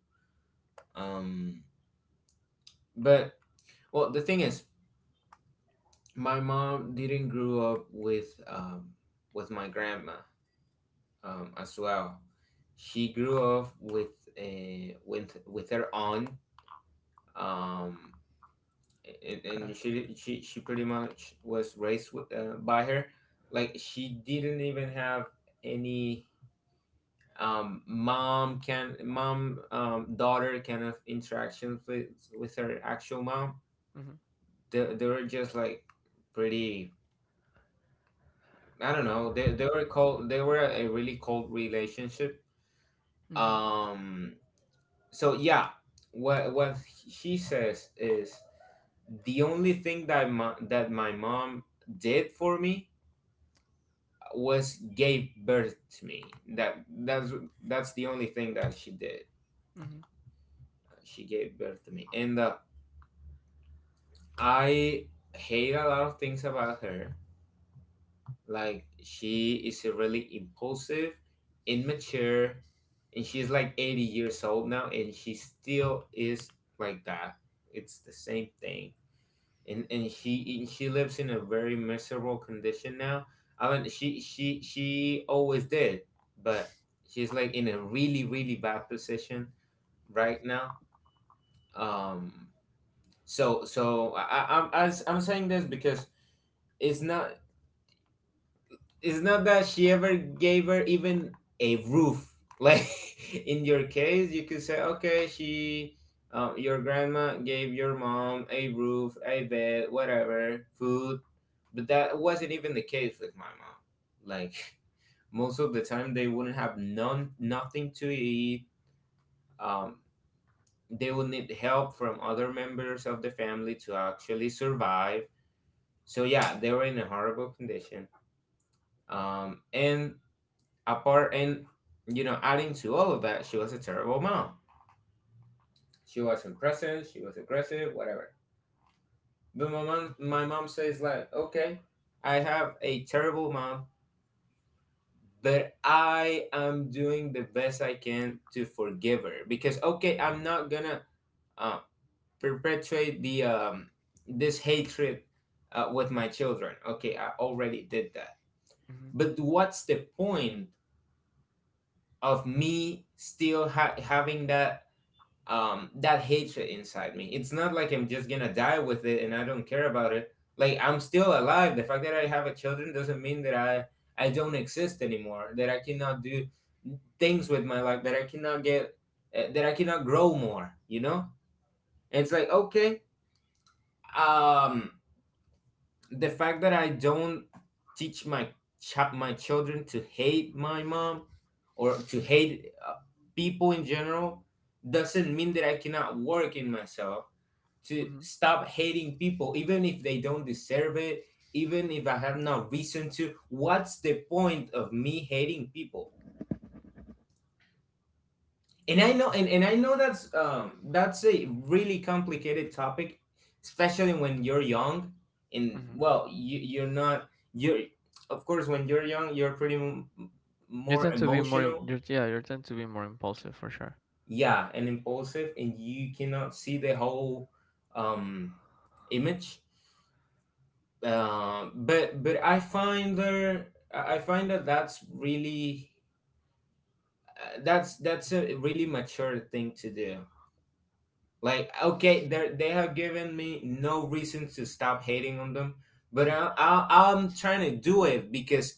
Speaker 3: Um, but well, the thing is, my mom didn't grow up with, with my grandma, as well. She grew up with a with with her aunt, um, and,
Speaker 1: Okay.
Speaker 3: she pretty much was raised with, by her. Like she didn't even have any, mom can mom, daughter kind of interaction with her actual mom.
Speaker 1: Mm-hmm.
Speaker 3: They were just like pretty. I don't know. They were cold. They were a really cold relationship.
Speaker 1: Mm-hmm.
Speaker 3: Um, so yeah, what she says is the only thing that my mom did for me was gave birth to me. that that's that's the only thing that she did. She gave birth to me, and I hate a lot of things about her. Like she is a really impulsive, immature, and she's like 80 years old now, and she still is like that. It's the same thing. And she lives in a very miserable condition now. I mean, she always did, but she's like in a really, really bad position right now. Um, I'm saying this because it's not, it's not that she ever gave her even a roof. [laughs] Like in your case, you could say, okay, she, your grandma gave your mom a roof, a bed, whatever, food, but that wasn't even the case with my mom. Like [laughs] most of the time, they wouldn't have none, nothing to eat. Um, they would need help from other members of the family to actually survive. So yeah, they were in a horrible condition. Um, and and you know, adding to all of that, she was a terrible mom. She wasn't present, she was aggressive, whatever. But my mom says like, okay, I have a terrible mom, but I am doing the best I can to forgive her, because okay, I'm not gonna, uh, perpetuate the, this hatred, with my children. Okay, I already did that,
Speaker 1: Mm-hmm.
Speaker 3: but what's the point of me still having that, that hatred inside me? It's not like I'm just gonna die with it and I don't care about it. Like, I'm still alive. The fact that I have a children doesn't mean that I don't exist anymore, that I cannot do things with my life, that I cannot get, that I cannot grow more, you know? And it's like, okay, um the fact that I don't teach my my children to hate my mom, or to hate, people in general, doesn't mean that I cannot work in myself to
Speaker 1: Mm-hmm.
Speaker 3: stop hating people even if they don't deserve it, even if I have no reason to. What's the point of me hating people? And I know, and I know that's, that's a really complicated topic, especially when you're young. And
Speaker 1: Mm-hmm.
Speaker 3: well, you, you're not, you're, of course, when you're young, you're pretty
Speaker 1: You
Speaker 3: more
Speaker 1: tend to be more,
Speaker 3: emotional.
Speaker 1: you're, yeah, you tend to be more impulsive for sure.
Speaker 3: Yeah, and impulsive, and you cannot see the whole, um image. But I find that that's really, that's a really mature thing to do. Like, okay, they have given me no reason to stop hating on them, but I'm trying to do it because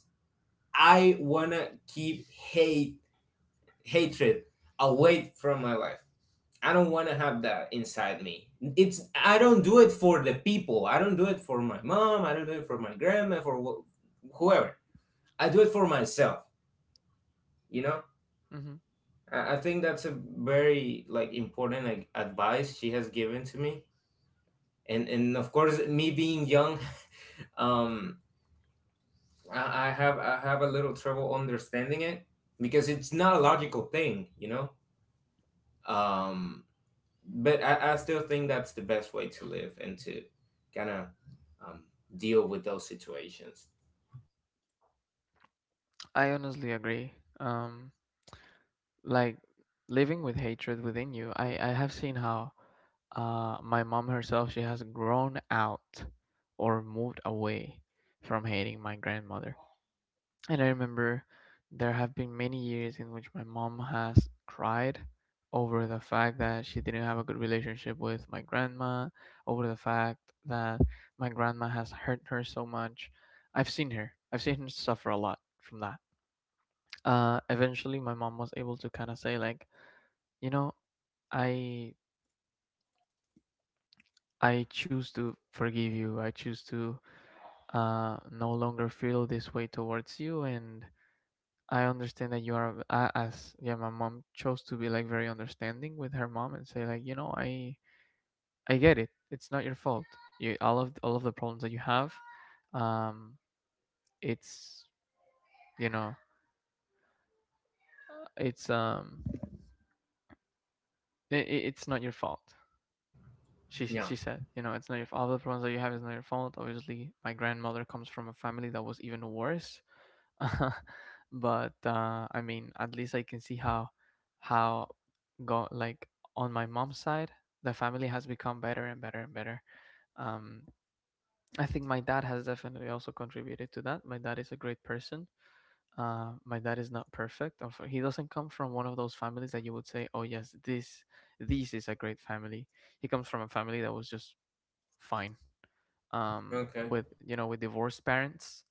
Speaker 3: I wanna keep hate hatred away from my life. I don't wanna have that inside me. It's, I don't do it for the people. I don't do it for my mom. I don't do it for my grandma. For whoever. I do it for myself. You know.
Speaker 1: Mm-hmm.
Speaker 3: I think that's a very like important like advice she has given to me. And of course, me being young, um I have a little trouble understanding it, because it's not a logical thing, you know? um but I still think that's the best way to live and to kind of, um deal with those situations.
Speaker 1: I honestly agree. Um, like Living with hatred within you, I have seen how my mom herself, she has grown out or moved away from hating my grandmother. And I remember there have been many years in which my mom has cried over the fact that she didn't have a good relationship with my grandma, over the fact that my grandma has hurt her so much. I've seen her. I've seen her suffer a lot from that. Eventually my mom was able to kind of say like, you know, i I choose to forgive you, I choose to no longer feel this way towards you, and I understand that you are, as yeah, my mom chose to be like very understanding with her mom and say like, you know, I get it, it's not your fault, you all of the problems that you have, um it's you know, it's, it's not your fault. she
Speaker 3: Yeah.
Speaker 1: she said, you know, it's not your, all the problems that you have is not your fault. Obviously, my grandmother comes from a family that was even worse. [laughs] But I mean, at least I can see how go like on my mom's side, the family has become better and better and better. Um, I think my dad has definitely also contributed to that. My dad is a great person. My dad is not perfect. He doesn't come from one of those families that you would say, "Oh yes, this is a great family." He comes from a family that was just fine,
Speaker 3: Okay.
Speaker 1: with, you know, with divorced parents,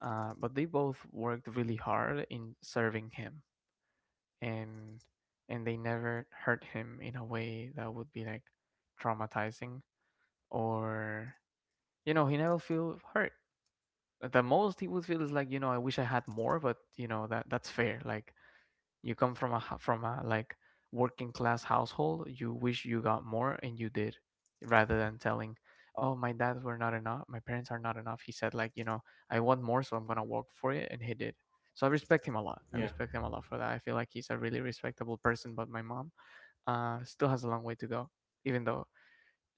Speaker 1: but they both worked really hard in serving him, and they never hurt him in a way that would be like traumatizing, or you know, he never feel hurt. The most he would feel is like, you know, I wish I had more, but you know, that, that's fair. Like you come from a from a like working class household. You wish you got more, and you did, rather than telling, "Oh, my dad were not enough. My parents are not enough." He said, I want more, so I'm gonna work for it, and he did. So I respect him a lot. I
Speaker 3: Yeah,
Speaker 1: respect him a lot for that. I feel like he's a really respectable person. But my mom, still has a long way to go, even though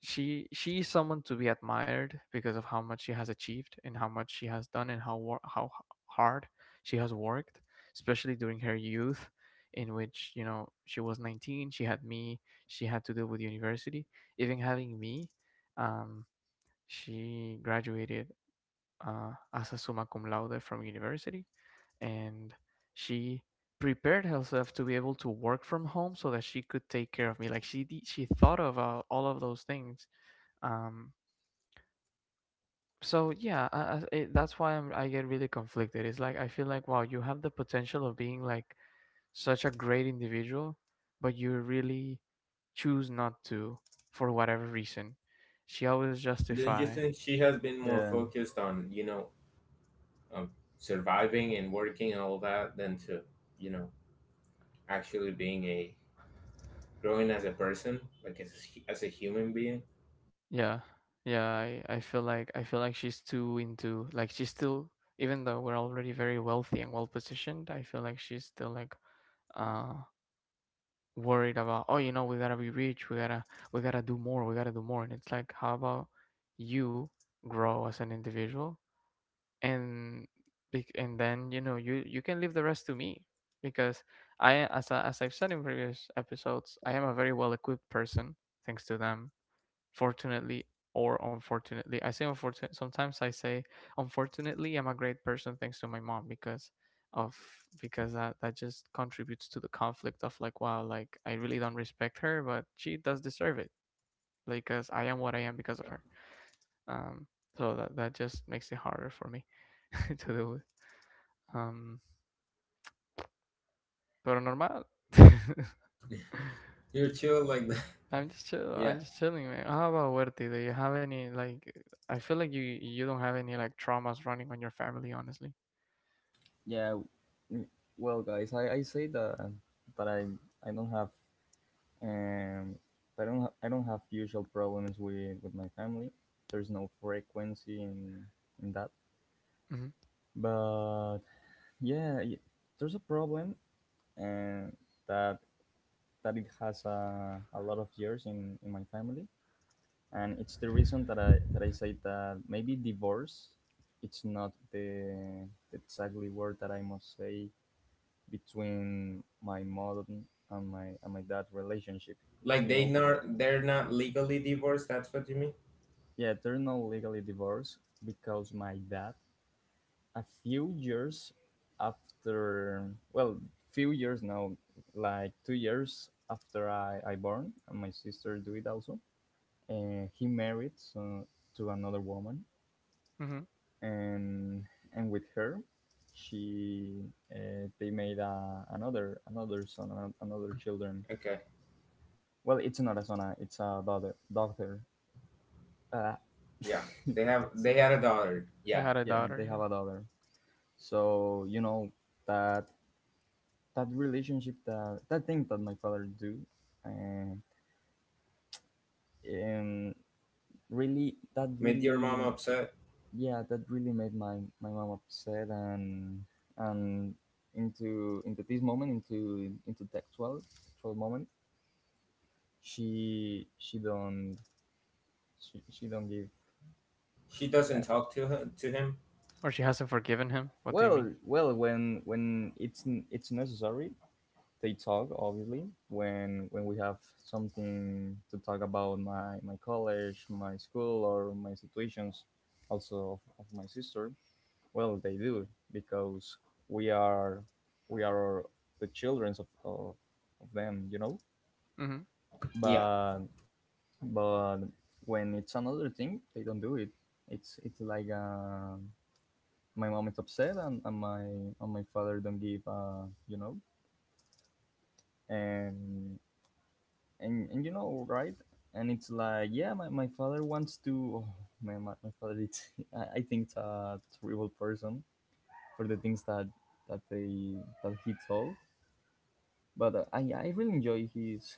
Speaker 1: she is someone to be admired because of how much she has achieved and how much she has done and how hard she has worked, especially during her youth, in which you know she was 19, she had me, she had to deal with university, even having me. um, she graduated as a summa cum laude from university, and she prepared herself to be able to work from home so that she could take care of me. Like she thought of all of those things. um so yeah uh, that's why I get really conflicted. It's like I feel like wow, you have the potential of being like such a great individual, but you really choose not to, for whatever reason. She always
Speaker 3: don't you
Speaker 1: justify.
Speaker 3: think she has been more
Speaker 2: Yeah,
Speaker 3: focused on, you know, um surviving and working and all that than to, you know, actually being a, growing as a person, like as a, as a human being?
Speaker 1: Yeah, I feel like she's too into, like, she's still, even though we're already very wealthy and well positioned, I feel like she's still like, uh worried about, oh, you know, we gotta be rich, we gotta, we gotta do more, and it's like, how about you grow as an individual, and and then you know you can leave the rest to me, because I as I've said in previous episodes, I am a very well equipped person, thanks to them. Fortunately or unfortunately, I say unfortunate sometimes, I say unfortunately, I'm a great person thanks to my mom, of because that just contributes to the conflict of like, wow, like I really don't respect her, but she does deserve it, like, because I am what I am because of her. um so that just makes it harder for me [laughs] to do. With um pero normal. [laughs]
Speaker 3: You're chill like that.
Speaker 1: I'm just
Speaker 3: [laughs]
Speaker 1: chill,
Speaker 3: Yeah.
Speaker 1: I'm just chilling, man. How about Huerti? Do you have any like, I feel like you don't have any like traumas running on your family, honestly.
Speaker 2: yeah. Mm, well, guys, I say that that I don't have um I don't I don't have usual problems with my family. There's no frequency in that.
Speaker 1: Mhm.
Speaker 2: But yeah, there's a problem, and that that it has a lot of years in my family, and it's the reason that I say that maybe divorce, it's not the, the exactly word that I must say between my mom and my dad relationship,
Speaker 3: Like,
Speaker 2: you
Speaker 3: they
Speaker 2: know.
Speaker 3: not, they're not legally divorced. That's what you mean.
Speaker 2: Yeah, they're not legally divorced because my dad a few years after well few years now like 2 years after I born and my sister do it also, and he married so, to another woman,
Speaker 1: Mhm.
Speaker 2: and and with her she they made a another son another children.
Speaker 3: Okay.
Speaker 2: Well, it's not a son, it's a daughter daughter uh,
Speaker 3: Yeah. They
Speaker 2: [laughs]
Speaker 3: have, they had a daughter.
Speaker 1: He
Speaker 3: Yeah.
Speaker 1: had a
Speaker 2: yeah
Speaker 1: daughter,
Speaker 2: they have
Speaker 1: yeah.
Speaker 2: a daughter so you know that that relationship that that thing that my father do and, and really that
Speaker 3: Made your mom
Speaker 2: really
Speaker 3: upset.
Speaker 2: yeah that really made my my mom upset and into this moment into the actual actual moment she she don't she don't give
Speaker 3: She doesn't
Speaker 2: yeah
Speaker 3: talk to her to him.
Speaker 1: Or she hasn't forgiven him. What do you
Speaker 2: well
Speaker 1: mean?
Speaker 2: well when it's it's necessary they talk obviously when we have something to talk about my my college my school or my situations also of my sister. Well, they do because we are we are the children of them, you know.
Speaker 1: Mhm.
Speaker 3: Yeah.
Speaker 2: But but when it's another thing, they don't do it. It's like my mom is upset and my father don't give you know and and you know right and it's like yeah my father wants to oh, my father it's, [laughs] I think it's a terrible person for the things that that they that he told. But I really enjoy his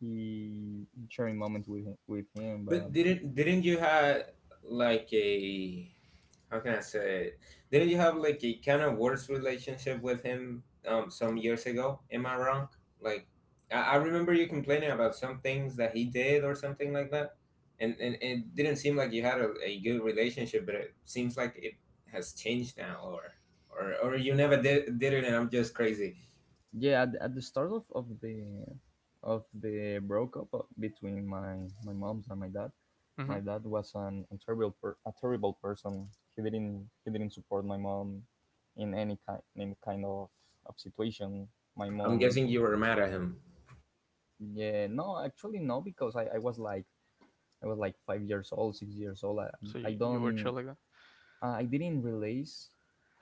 Speaker 2: he sharing moments with him, with him.
Speaker 3: But
Speaker 2: But
Speaker 3: didn't you have like a, how can I say it? Didn't you have like a kind of worse relationship with him, some years ago? Am I wrong? Like, I remember you complaining about some things that he did or something like that. And it didn't seem like you had a good relationship, but it seems like it has changed now, or you never did did it and I'm just crazy.
Speaker 2: yeah, at the start of the breakup of- between my my mom's and
Speaker 1: Mhm.
Speaker 2: my dad was an a terrible per, a terrible person. He didn't support my mom in any kind of situation. My
Speaker 3: I'm guessing
Speaker 2: mom,
Speaker 3: you were mad at him.
Speaker 2: yeah, no, actually no, because I was like I was like 5 years old, 6 years old.
Speaker 1: So you,
Speaker 2: I
Speaker 1: you were chill
Speaker 2: don't
Speaker 1: like that.
Speaker 2: I didn't realize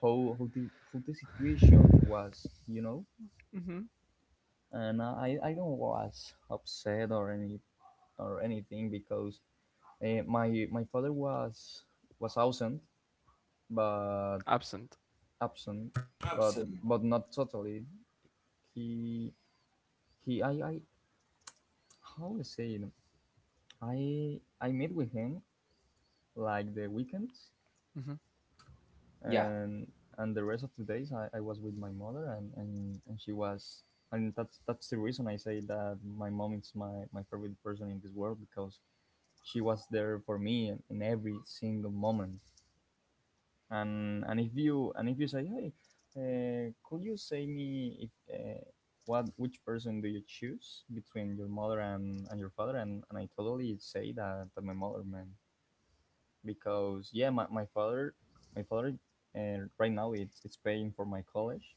Speaker 2: how the situation was, you know.
Speaker 1: Mhm.
Speaker 2: And I don't was upset or any or anything because my my father was but
Speaker 1: Absent.
Speaker 2: absent,
Speaker 3: Absolutely.
Speaker 2: but not totally. He he I how to say it? I met with him like the weekends.
Speaker 1: Mhm.
Speaker 3: Yeah.
Speaker 2: and and the rest of the days I was with my mother and she was and that's the reason I say that my mom is my, my favorite person in this world because she was there for me in every single moment and if you say hey could you say me if what which person do you choose between your mother and your father, and I totally say that, that my mother man because yeah, my, my father, right now it's paying for my college,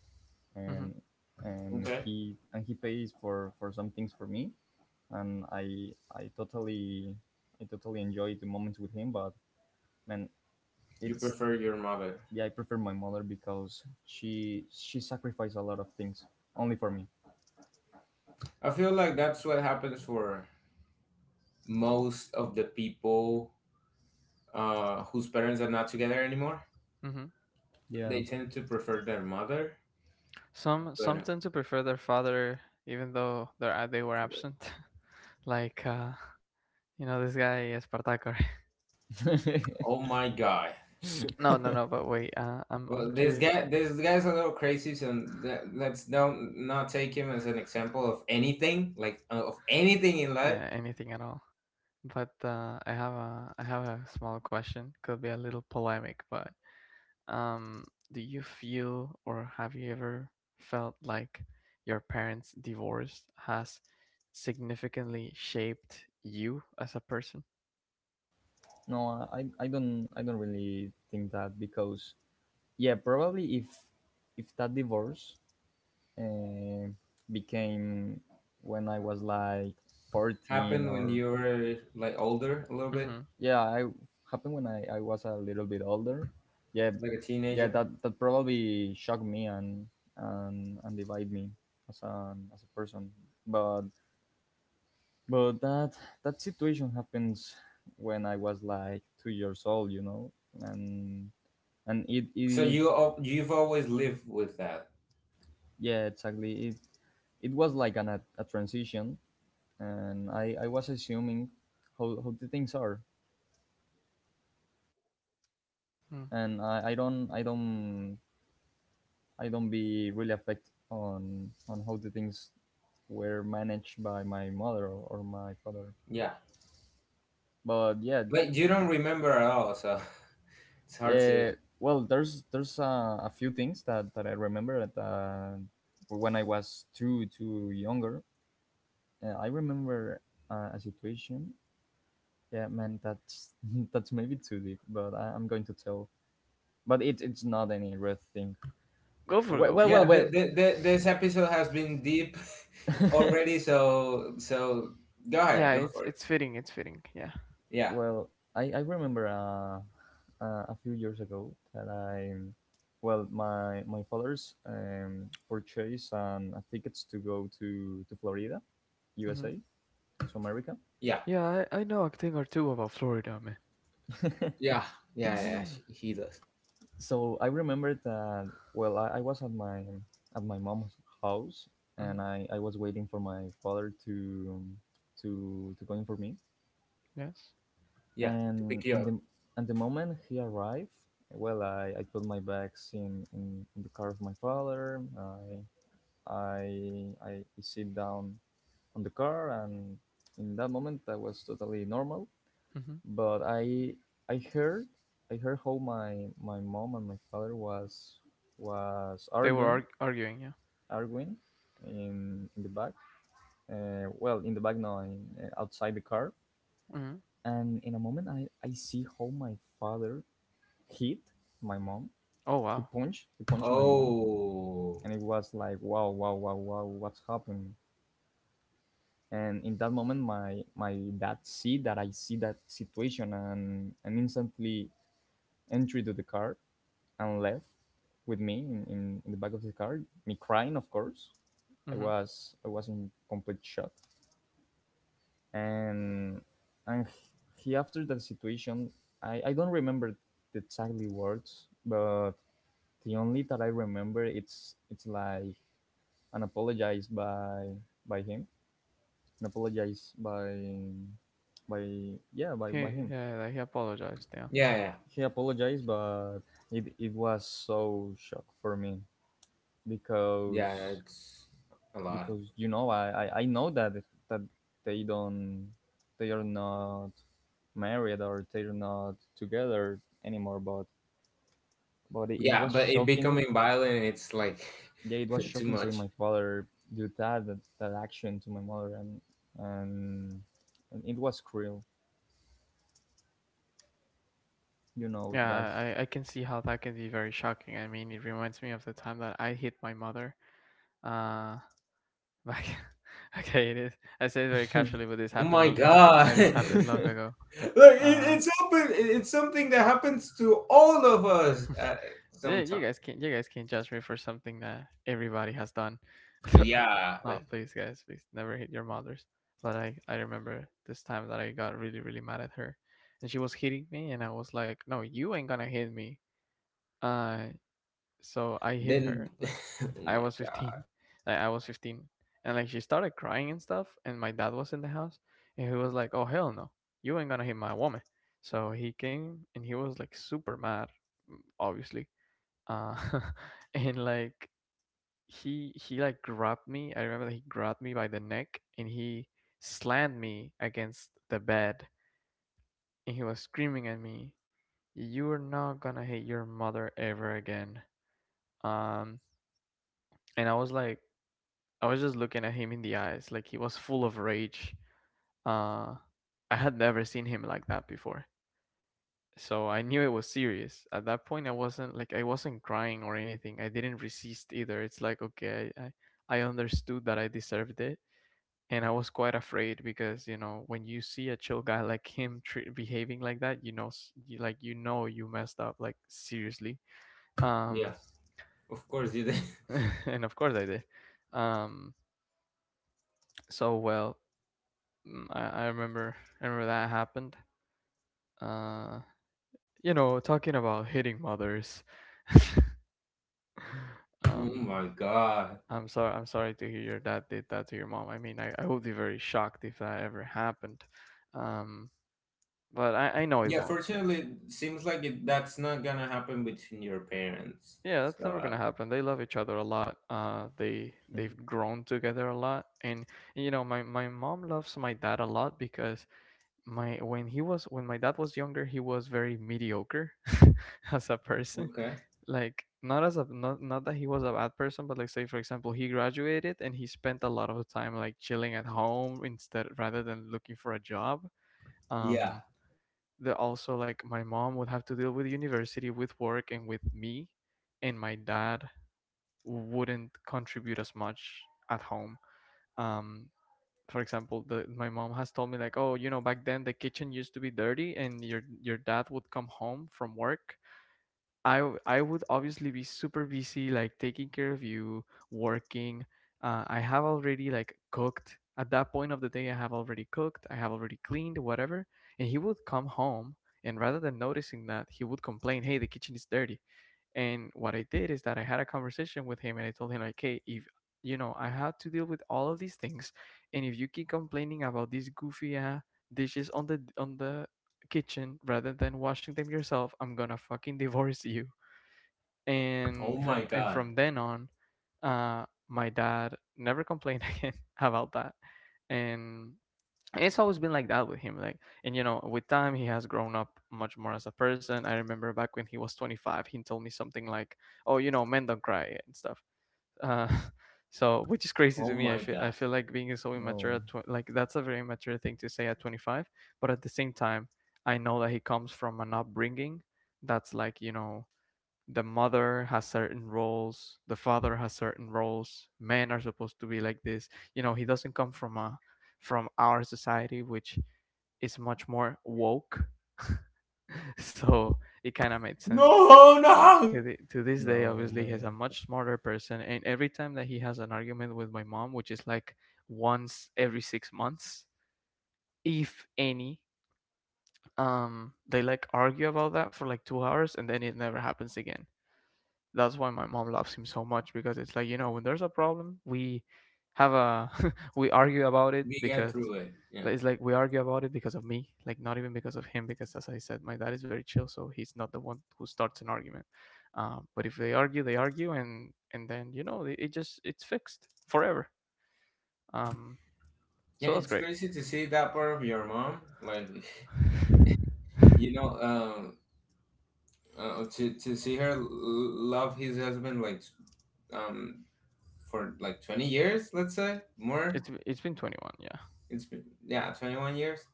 Speaker 1: Mhm.
Speaker 2: and
Speaker 3: Okay.
Speaker 2: and he pays for some things for me, and I totally enjoy the moments with him, but man,
Speaker 3: You
Speaker 2: it's
Speaker 3: prefer your mother.
Speaker 2: yeah, I prefer my mother because she sacrificed a lot of things only for me.
Speaker 3: I feel like that's what happens for most of the people, whose parents are not together anymore.
Speaker 1: Mhm.
Speaker 2: Yeah.
Speaker 3: They
Speaker 2: [laughs]
Speaker 3: tend to prefer their mother,
Speaker 1: Some
Speaker 3: but
Speaker 1: tend to prefer their father, even though they were absent. [laughs] Like, you know this guy Espartaco, right?
Speaker 3: oh my god,
Speaker 1: [laughs] No, no, no.
Speaker 2: [laughs]
Speaker 1: But wait, I'm
Speaker 3: well,
Speaker 1: curious.
Speaker 3: this guy's a little crazy. So that- let's don't not take him as an example of anything, like, of anything in life.
Speaker 1: Yeah, anything at all. But I have a, I have a small question. Could be a little polemic, but Um, do you feel, or have you ever felt like your parents' divorce has significantly shaped you as a person?
Speaker 2: no, I don't really think that because yeah, probably if that divorce uh, became when I was like 14
Speaker 3: Happened when
Speaker 2: or
Speaker 3: you were like older a little bit,
Speaker 1: Mm-hmm.
Speaker 2: yeah, I happened when I was a little bit older. Yeah,
Speaker 3: like a
Speaker 2: yeah,
Speaker 3: teenager.
Speaker 2: that, that probably shocked me and divide me as a person. But but that that situation happens when I was like 2 years old, you know, and and it
Speaker 3: So
Speaker 2: it
Speaker 3: you you've always lived with that,
Speaker 2: yeah exactly it it was like an, a transition and I was assuming how the things are
Speaker 1: Mm.
Speaker 2: and I don't I don't be really affected on how the things were managed by my mother or my father
Speaker 3: yeah.
Speaker 2: but yeah
Speaker 3: Like you don't remember at all, so [laughs] it's hard to.
Speaker 2: well there's a few things that, that I remember that when I was too too younger I remember a situation. Yeah man, that's [laughs] that's maybe too deep, but I'm going to tell, but it, it's not any red thing.
Speaker 1: Go for it,
Speaker 2: Well,
Speaker 1: go
Speaker 2: well,
Speaker 1: for
Speaker 2: well,
Speaker 1: it.
Speaker 3: Yeah,
Speaker 2: well.
Speaker 3: this episode has been deep [laughs] already, so so go ahead,
Speaker 1: Yeah,
Speaker 3: go
Speaker 1: it's
Speaker 3: for it.
Speaker 1: it's fitting, it's fitting. Yeah.
Speaker 3: Yeah,
Speaker 2: Well I remember a few years ago that I, well, my father's purchased tickets to go to Florida,
Speaker 1: Mm-hmm.
Speaker 2: USA, to America.
Speaker 3: yeah,
Speaker 1: Yeah, I know a thing or two about Florida, man.
Speaker 2: [laughs]
Speaker 3: yeah, yeah, yeah. He does.
Speaker 2: So I remember that. Well, I was at my mom's house, and
Speaker 1: Mm-hmm.
Speaker 2: I was waiting for my father to go in for me.
Speaker 1: Yes.
Speaker 3: Yeah, to
Speaker 2: And
Speaker 3: pick you up.
Speaker 2: and the moment he arrived, well, I put my bags in the car of my father. I I sit down on the car, and in that moment, I was totally normal.
Speaker 1: Mm-hmm.
Speaker 2: But I heard I heard how my my mom and my father was arguing
Speaker 1: Arguing, yeah.
Speaker 2: arguing in the back. Well, in the back, no, in, outside the car.
Speaker 1: Mm-hmm.
Speaker 2: And in a moment, I see how my father hit my mom.
Speaker 1: Oh wow.
Speaker 2: He punched my mom,
Speaker 3: Oh,
Speaker 2: and it was like wow wow wow wow what's happened. And in that moment, my dad see that I see that situation, and instantly entered to the car and left with me in the back of the car. Me crying, of course.
Speaker 1: Mm-hmm.
Speaker 2: I was in complete shock. And and he after that situation, I don't remember the exactly words, but the only that I remember it's like an apologize by him, an apologize by yeah by
Speaker 1: He,
Speaker 2: him.
Speaker 1: yeah, like, he apologized, yeah.
Speaker 3: yeah, yeah,
Speaker 2: He apologized, but it was so shock for me
Speaker 3: yeah.
Speaker 2: because
Speaker 3: It's a lot.
Speaker 2: because you know I know that that they don't they are not married or they're not together anymore, but it
Speaker 3: Yeah,
Speaker 2: was
Speaker 3: but it
Speaker 2: shocking.
Speaker 3: becoming violent, it's like
Speaker 2: Yeah, it was
Speaker 3: [laughs] too
Speaker 2: shocking seeing
Speaker 3: much.
Speaker 2: my father do that that, that action to my mother, and and it was cruel, you know,
Speaker 1: Yeah,
Speaker 2: guys.
Speaker 1: I can see how that can be very shocking. I mean, it reminds me of the time that I hit my mother, Uh, back. [laughs] Okay, it is. I said it very
Speaker 2: [laughs]
Speaker 1: casually, but this
Speaker 3: Oh
Speaker 1: happened
Speaker 3: my
Speaker 1: long ago.
Speaker 3: God!
Speaker 1: This happened
Speaker 3: [laughs]
Speaker 1: long ago.
Speaker 3: Look, it,
Speaker 1: Uh,
Speaker 3: it's open. It's something that happens to all of us at
Speaker 1: yeah,
Speaker 3: some time.
Speaker 1: you guys can, you guys can judge me for something that everybody has done. [laughs] So,
Speaker 3: Yeah,
Speaker 1: no,
Speaker 3: like
Speaker 1: please, guys, please never hit your mothers. But I remember this time that I got really, really mad at her, and she was hitting me, and I was like, no, you ain't gonna hit me. Uh, so I hit
Speaker 3: then.
Speaker 1: her.
Speaker 3: [laughs]
Speaker 1: Like
Speaker 3: Oh
Speaker 1: I
Speaker 3: my
Speaker 1: was
Speaker 3: God.
Speaker 1: 15. [laughs] Like I was 15. And like she started crying and stuff, and my dad was in the house, and he was like, "Oh hell no. You ain't gonna hit my woman." So he came, and he was like super mad, mm, obviously. Uh [laughs] and like he like grabbed me. I remember that he grabbed me by the neck, and he slammed me against the bed, and he was screaming at me, "You are not gonna hit your mother ever again." Um and I was like, I was just looking at him in the eyes, like he was full of rage. Uh, I had never seen him like that before, so I knew it was serious. At that point, I wasn't like, I wasn't crying or anything. I didn't resist either. It's like, okay, understood that I deserved it, and I was quite afraid because you know when you see a chill guy like him behaving like that, you know, like, you know you messed up, like seriously. Um,
Speaker 3: Yeah. Of course you did.
Speaker 1: [laughs] and of course I did. Um, so well, mm, I remember, I remember that happened. Uh, you know, talking about hitting mothers.
Speaker 3: [laughs] Oh
Speaker 1: Um,
Speaker 3: my god.
Speaker 1: I'm sorry, I'm sorry to hear your dad did that to your mom. I mean, I would be very shocked if that ever happened. Um, but I know it
Speaker 3: Yeah,
Speaker 1: won't.
Speaker 3: fortunately, it seems like it, that's not gonna happen between your parents.
Speaker 1: Yeah, that's
Speaker 3: So,
Speaker 1: never gonna happen. They love each other a lot. They, they've grown together a lot, and you know, my mom loves my dad a lot, because my when he was, when my dad was younger, he was very mediocre [laughs] as a person,
Speaker 3: okay.
Speaker 1: like, not as a, not, not that he was a bad person, but, like, say for example, he graduated and he spent a lot of time like chilling at home instead, rather than looking for a job.
Speaker 3: Yeah.
Speaker 1: um that also, like, my mom would have to deal with university, with work, and with me, and my dad wouldn't contribute as much at home. um for example, the my mom has told me like, oh, you know, back then the kitchen used to be dirty, and your dad would come home from work. I would obviously be super busy, like taking care of you, working. I have already like cooked. At that point of the day, I have already cooked. I have already cleaned, whatever. And he would come home, and rather than noticing that, he would complain, "Hey, the kitchen is dirty." And what I did is that I had a conversation with him, and I told him like, "Hey, if you know, I have to deal with all of these things, and if you keep complaining about these goofy dishes on the kitchen rather than washing them yourself, I'm gonna fucking divorce you.
Speaker 3: Oh
Speaker 1: And from
Speaker 3: my
Speaker 1: and
Speaker 3: god.
Speaker 1: from then on my dad never complained [laughs] again about that." And it's always been like that with him. Like, and you know, with time he has grown up much more as a person. I remember back when he was 25, he told me something like, oh, you know, men don't cry and stuff. uh [laughs] so, which is crazy to
Speaker 3: Oh
Speaker 1: me. I
Speaker 3: my
Speaker 1: feel, I
Speaker 3: god.
Speaker 1: feel like being so immature
Speaker 2: No,
Speaker 1: at like, that's a very immature thing to say at 25, but at the same time, I know that he comes from an upbringing that's like, you know, the mother has certain roles, the father has certain roles. Men are supposed to be like this. You know, he doesn't come from a, from our society, which is much more woke. [laughs] So it kind of made sense.
Speaker 3: No, no!
Speaker 1: To the, to this day,
Speaker 2: no,
Speaker 1: obviously, he's a
Speaker 2: man.
Speaker 1: much smarter person. And every time that he has an argument with my mom, which is like once every 6 months, if any, they like argue about that for like 2 hours, and then it never happens again. That's why my mom loves him so much, because it's like, you know, when there's a problem, we have a [laughs] we argue about it
Speaker 3: We get
Speaker 1: because,
Speaker 3: through it. Yeah.
Speaker 1: like, it's like we argue about it because of me, like, not even because of him, because as I said, my dad is very chill, so he's not the one who starts an argument. But if they argue, they argue, and then you know it just, it's fixed forever. um,
Speaker 3: Yeah,
Speaker 1: so that's
Speaker 3: it's
Speaker 1: great.
Speaker 3: crazy to see that part of your mom. Like, [laughs] you know, to see her love his husband, like, um, for like 20 years, let's say, more.
Speaker 1: It's been 21, yeah.
Speaker 3: It's been, yeah, 21 years,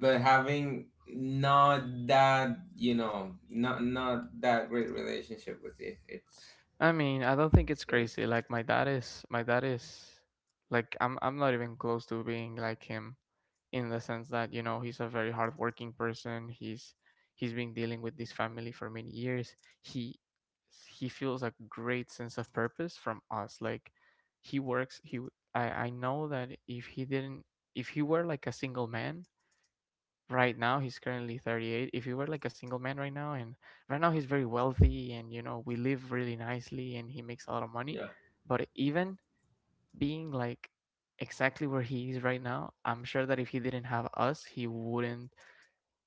Speaker 3: but having not that, you know, not, not that great relationship with it, it's
Speaker 1: I mean, I don't think it's
Speaker 3: scary.
Speaker 1: crazy. Like, my dad is, my dad is, like, I'm not even close to being like him, in the sense that, you know, he's a very hardworking person. He's been dealing with this family for many years. He he feels a great sense of purpose from us. Like, he works. I know that if he didn't, if he were like a single man right now, he's currently 38, if he were like a single man right now, and right now he's very wealthy, and you know we live really nicely, and he makes a lot of money,
Speaker 3: Yeah.
Speaker 1: but even being like exactly where he is right now, I'm sure that if he didn't have us, he wouldn't,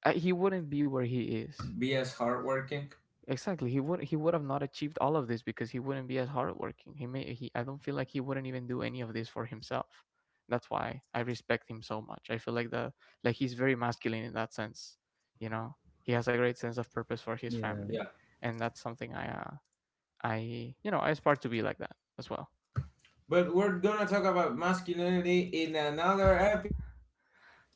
Speaker 1: he wouldn't be where he is.
Speaker 3: Be as hardworking.
Speaker 1: Exactly, he would, he would have not achieved all of this because he wouldn't be as hardworking. He may he I don't feel like he wouldn't even do any of this for himself. That's why I respect him so much. I feel like the like he's very masculine in that sense. You know, he has a great sense of purpose for his
Speaker 2: Yeah,
Speaker 1: family,
Speaker 3: Yeah,
Speaker 1: and that's something I, you know, I aspire to be like that as well.
Speaker 3: but we're gonna talk about masculinity in another episode.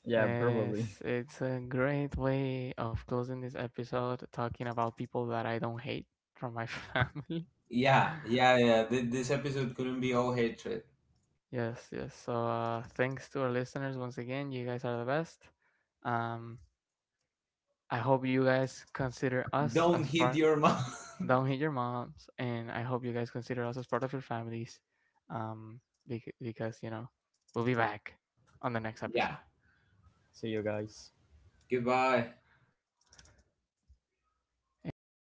Speaker 2: yeah, probably.
Speaker 1: Yes, it's a great way of closing this episode, talking about people that I don't hate from my [laughs] family.
Speaker 3: Yeah, yeah, yeah. This episode couldn't be all hatred.
Speaker 1: Yes, yes. So thanks to our listeners once again. You guys are the best. Um, I hope you guys consider us
Speaker 3: Don't
Speaker 1: as
Speaker 3: hit
Speaker 1: part.
Speaker 3: your mom.
Speaker 1: Don't hate your moms, and I hope you guys consider us as part of your families. Um, because you know, we'll be back on the next
Speaker 3: [laughs] Yeah.
Speaker 1: episode,
Speaker 2: [laughs] See you guys.
Speaker 3: Goodbye.
Speaker 1: and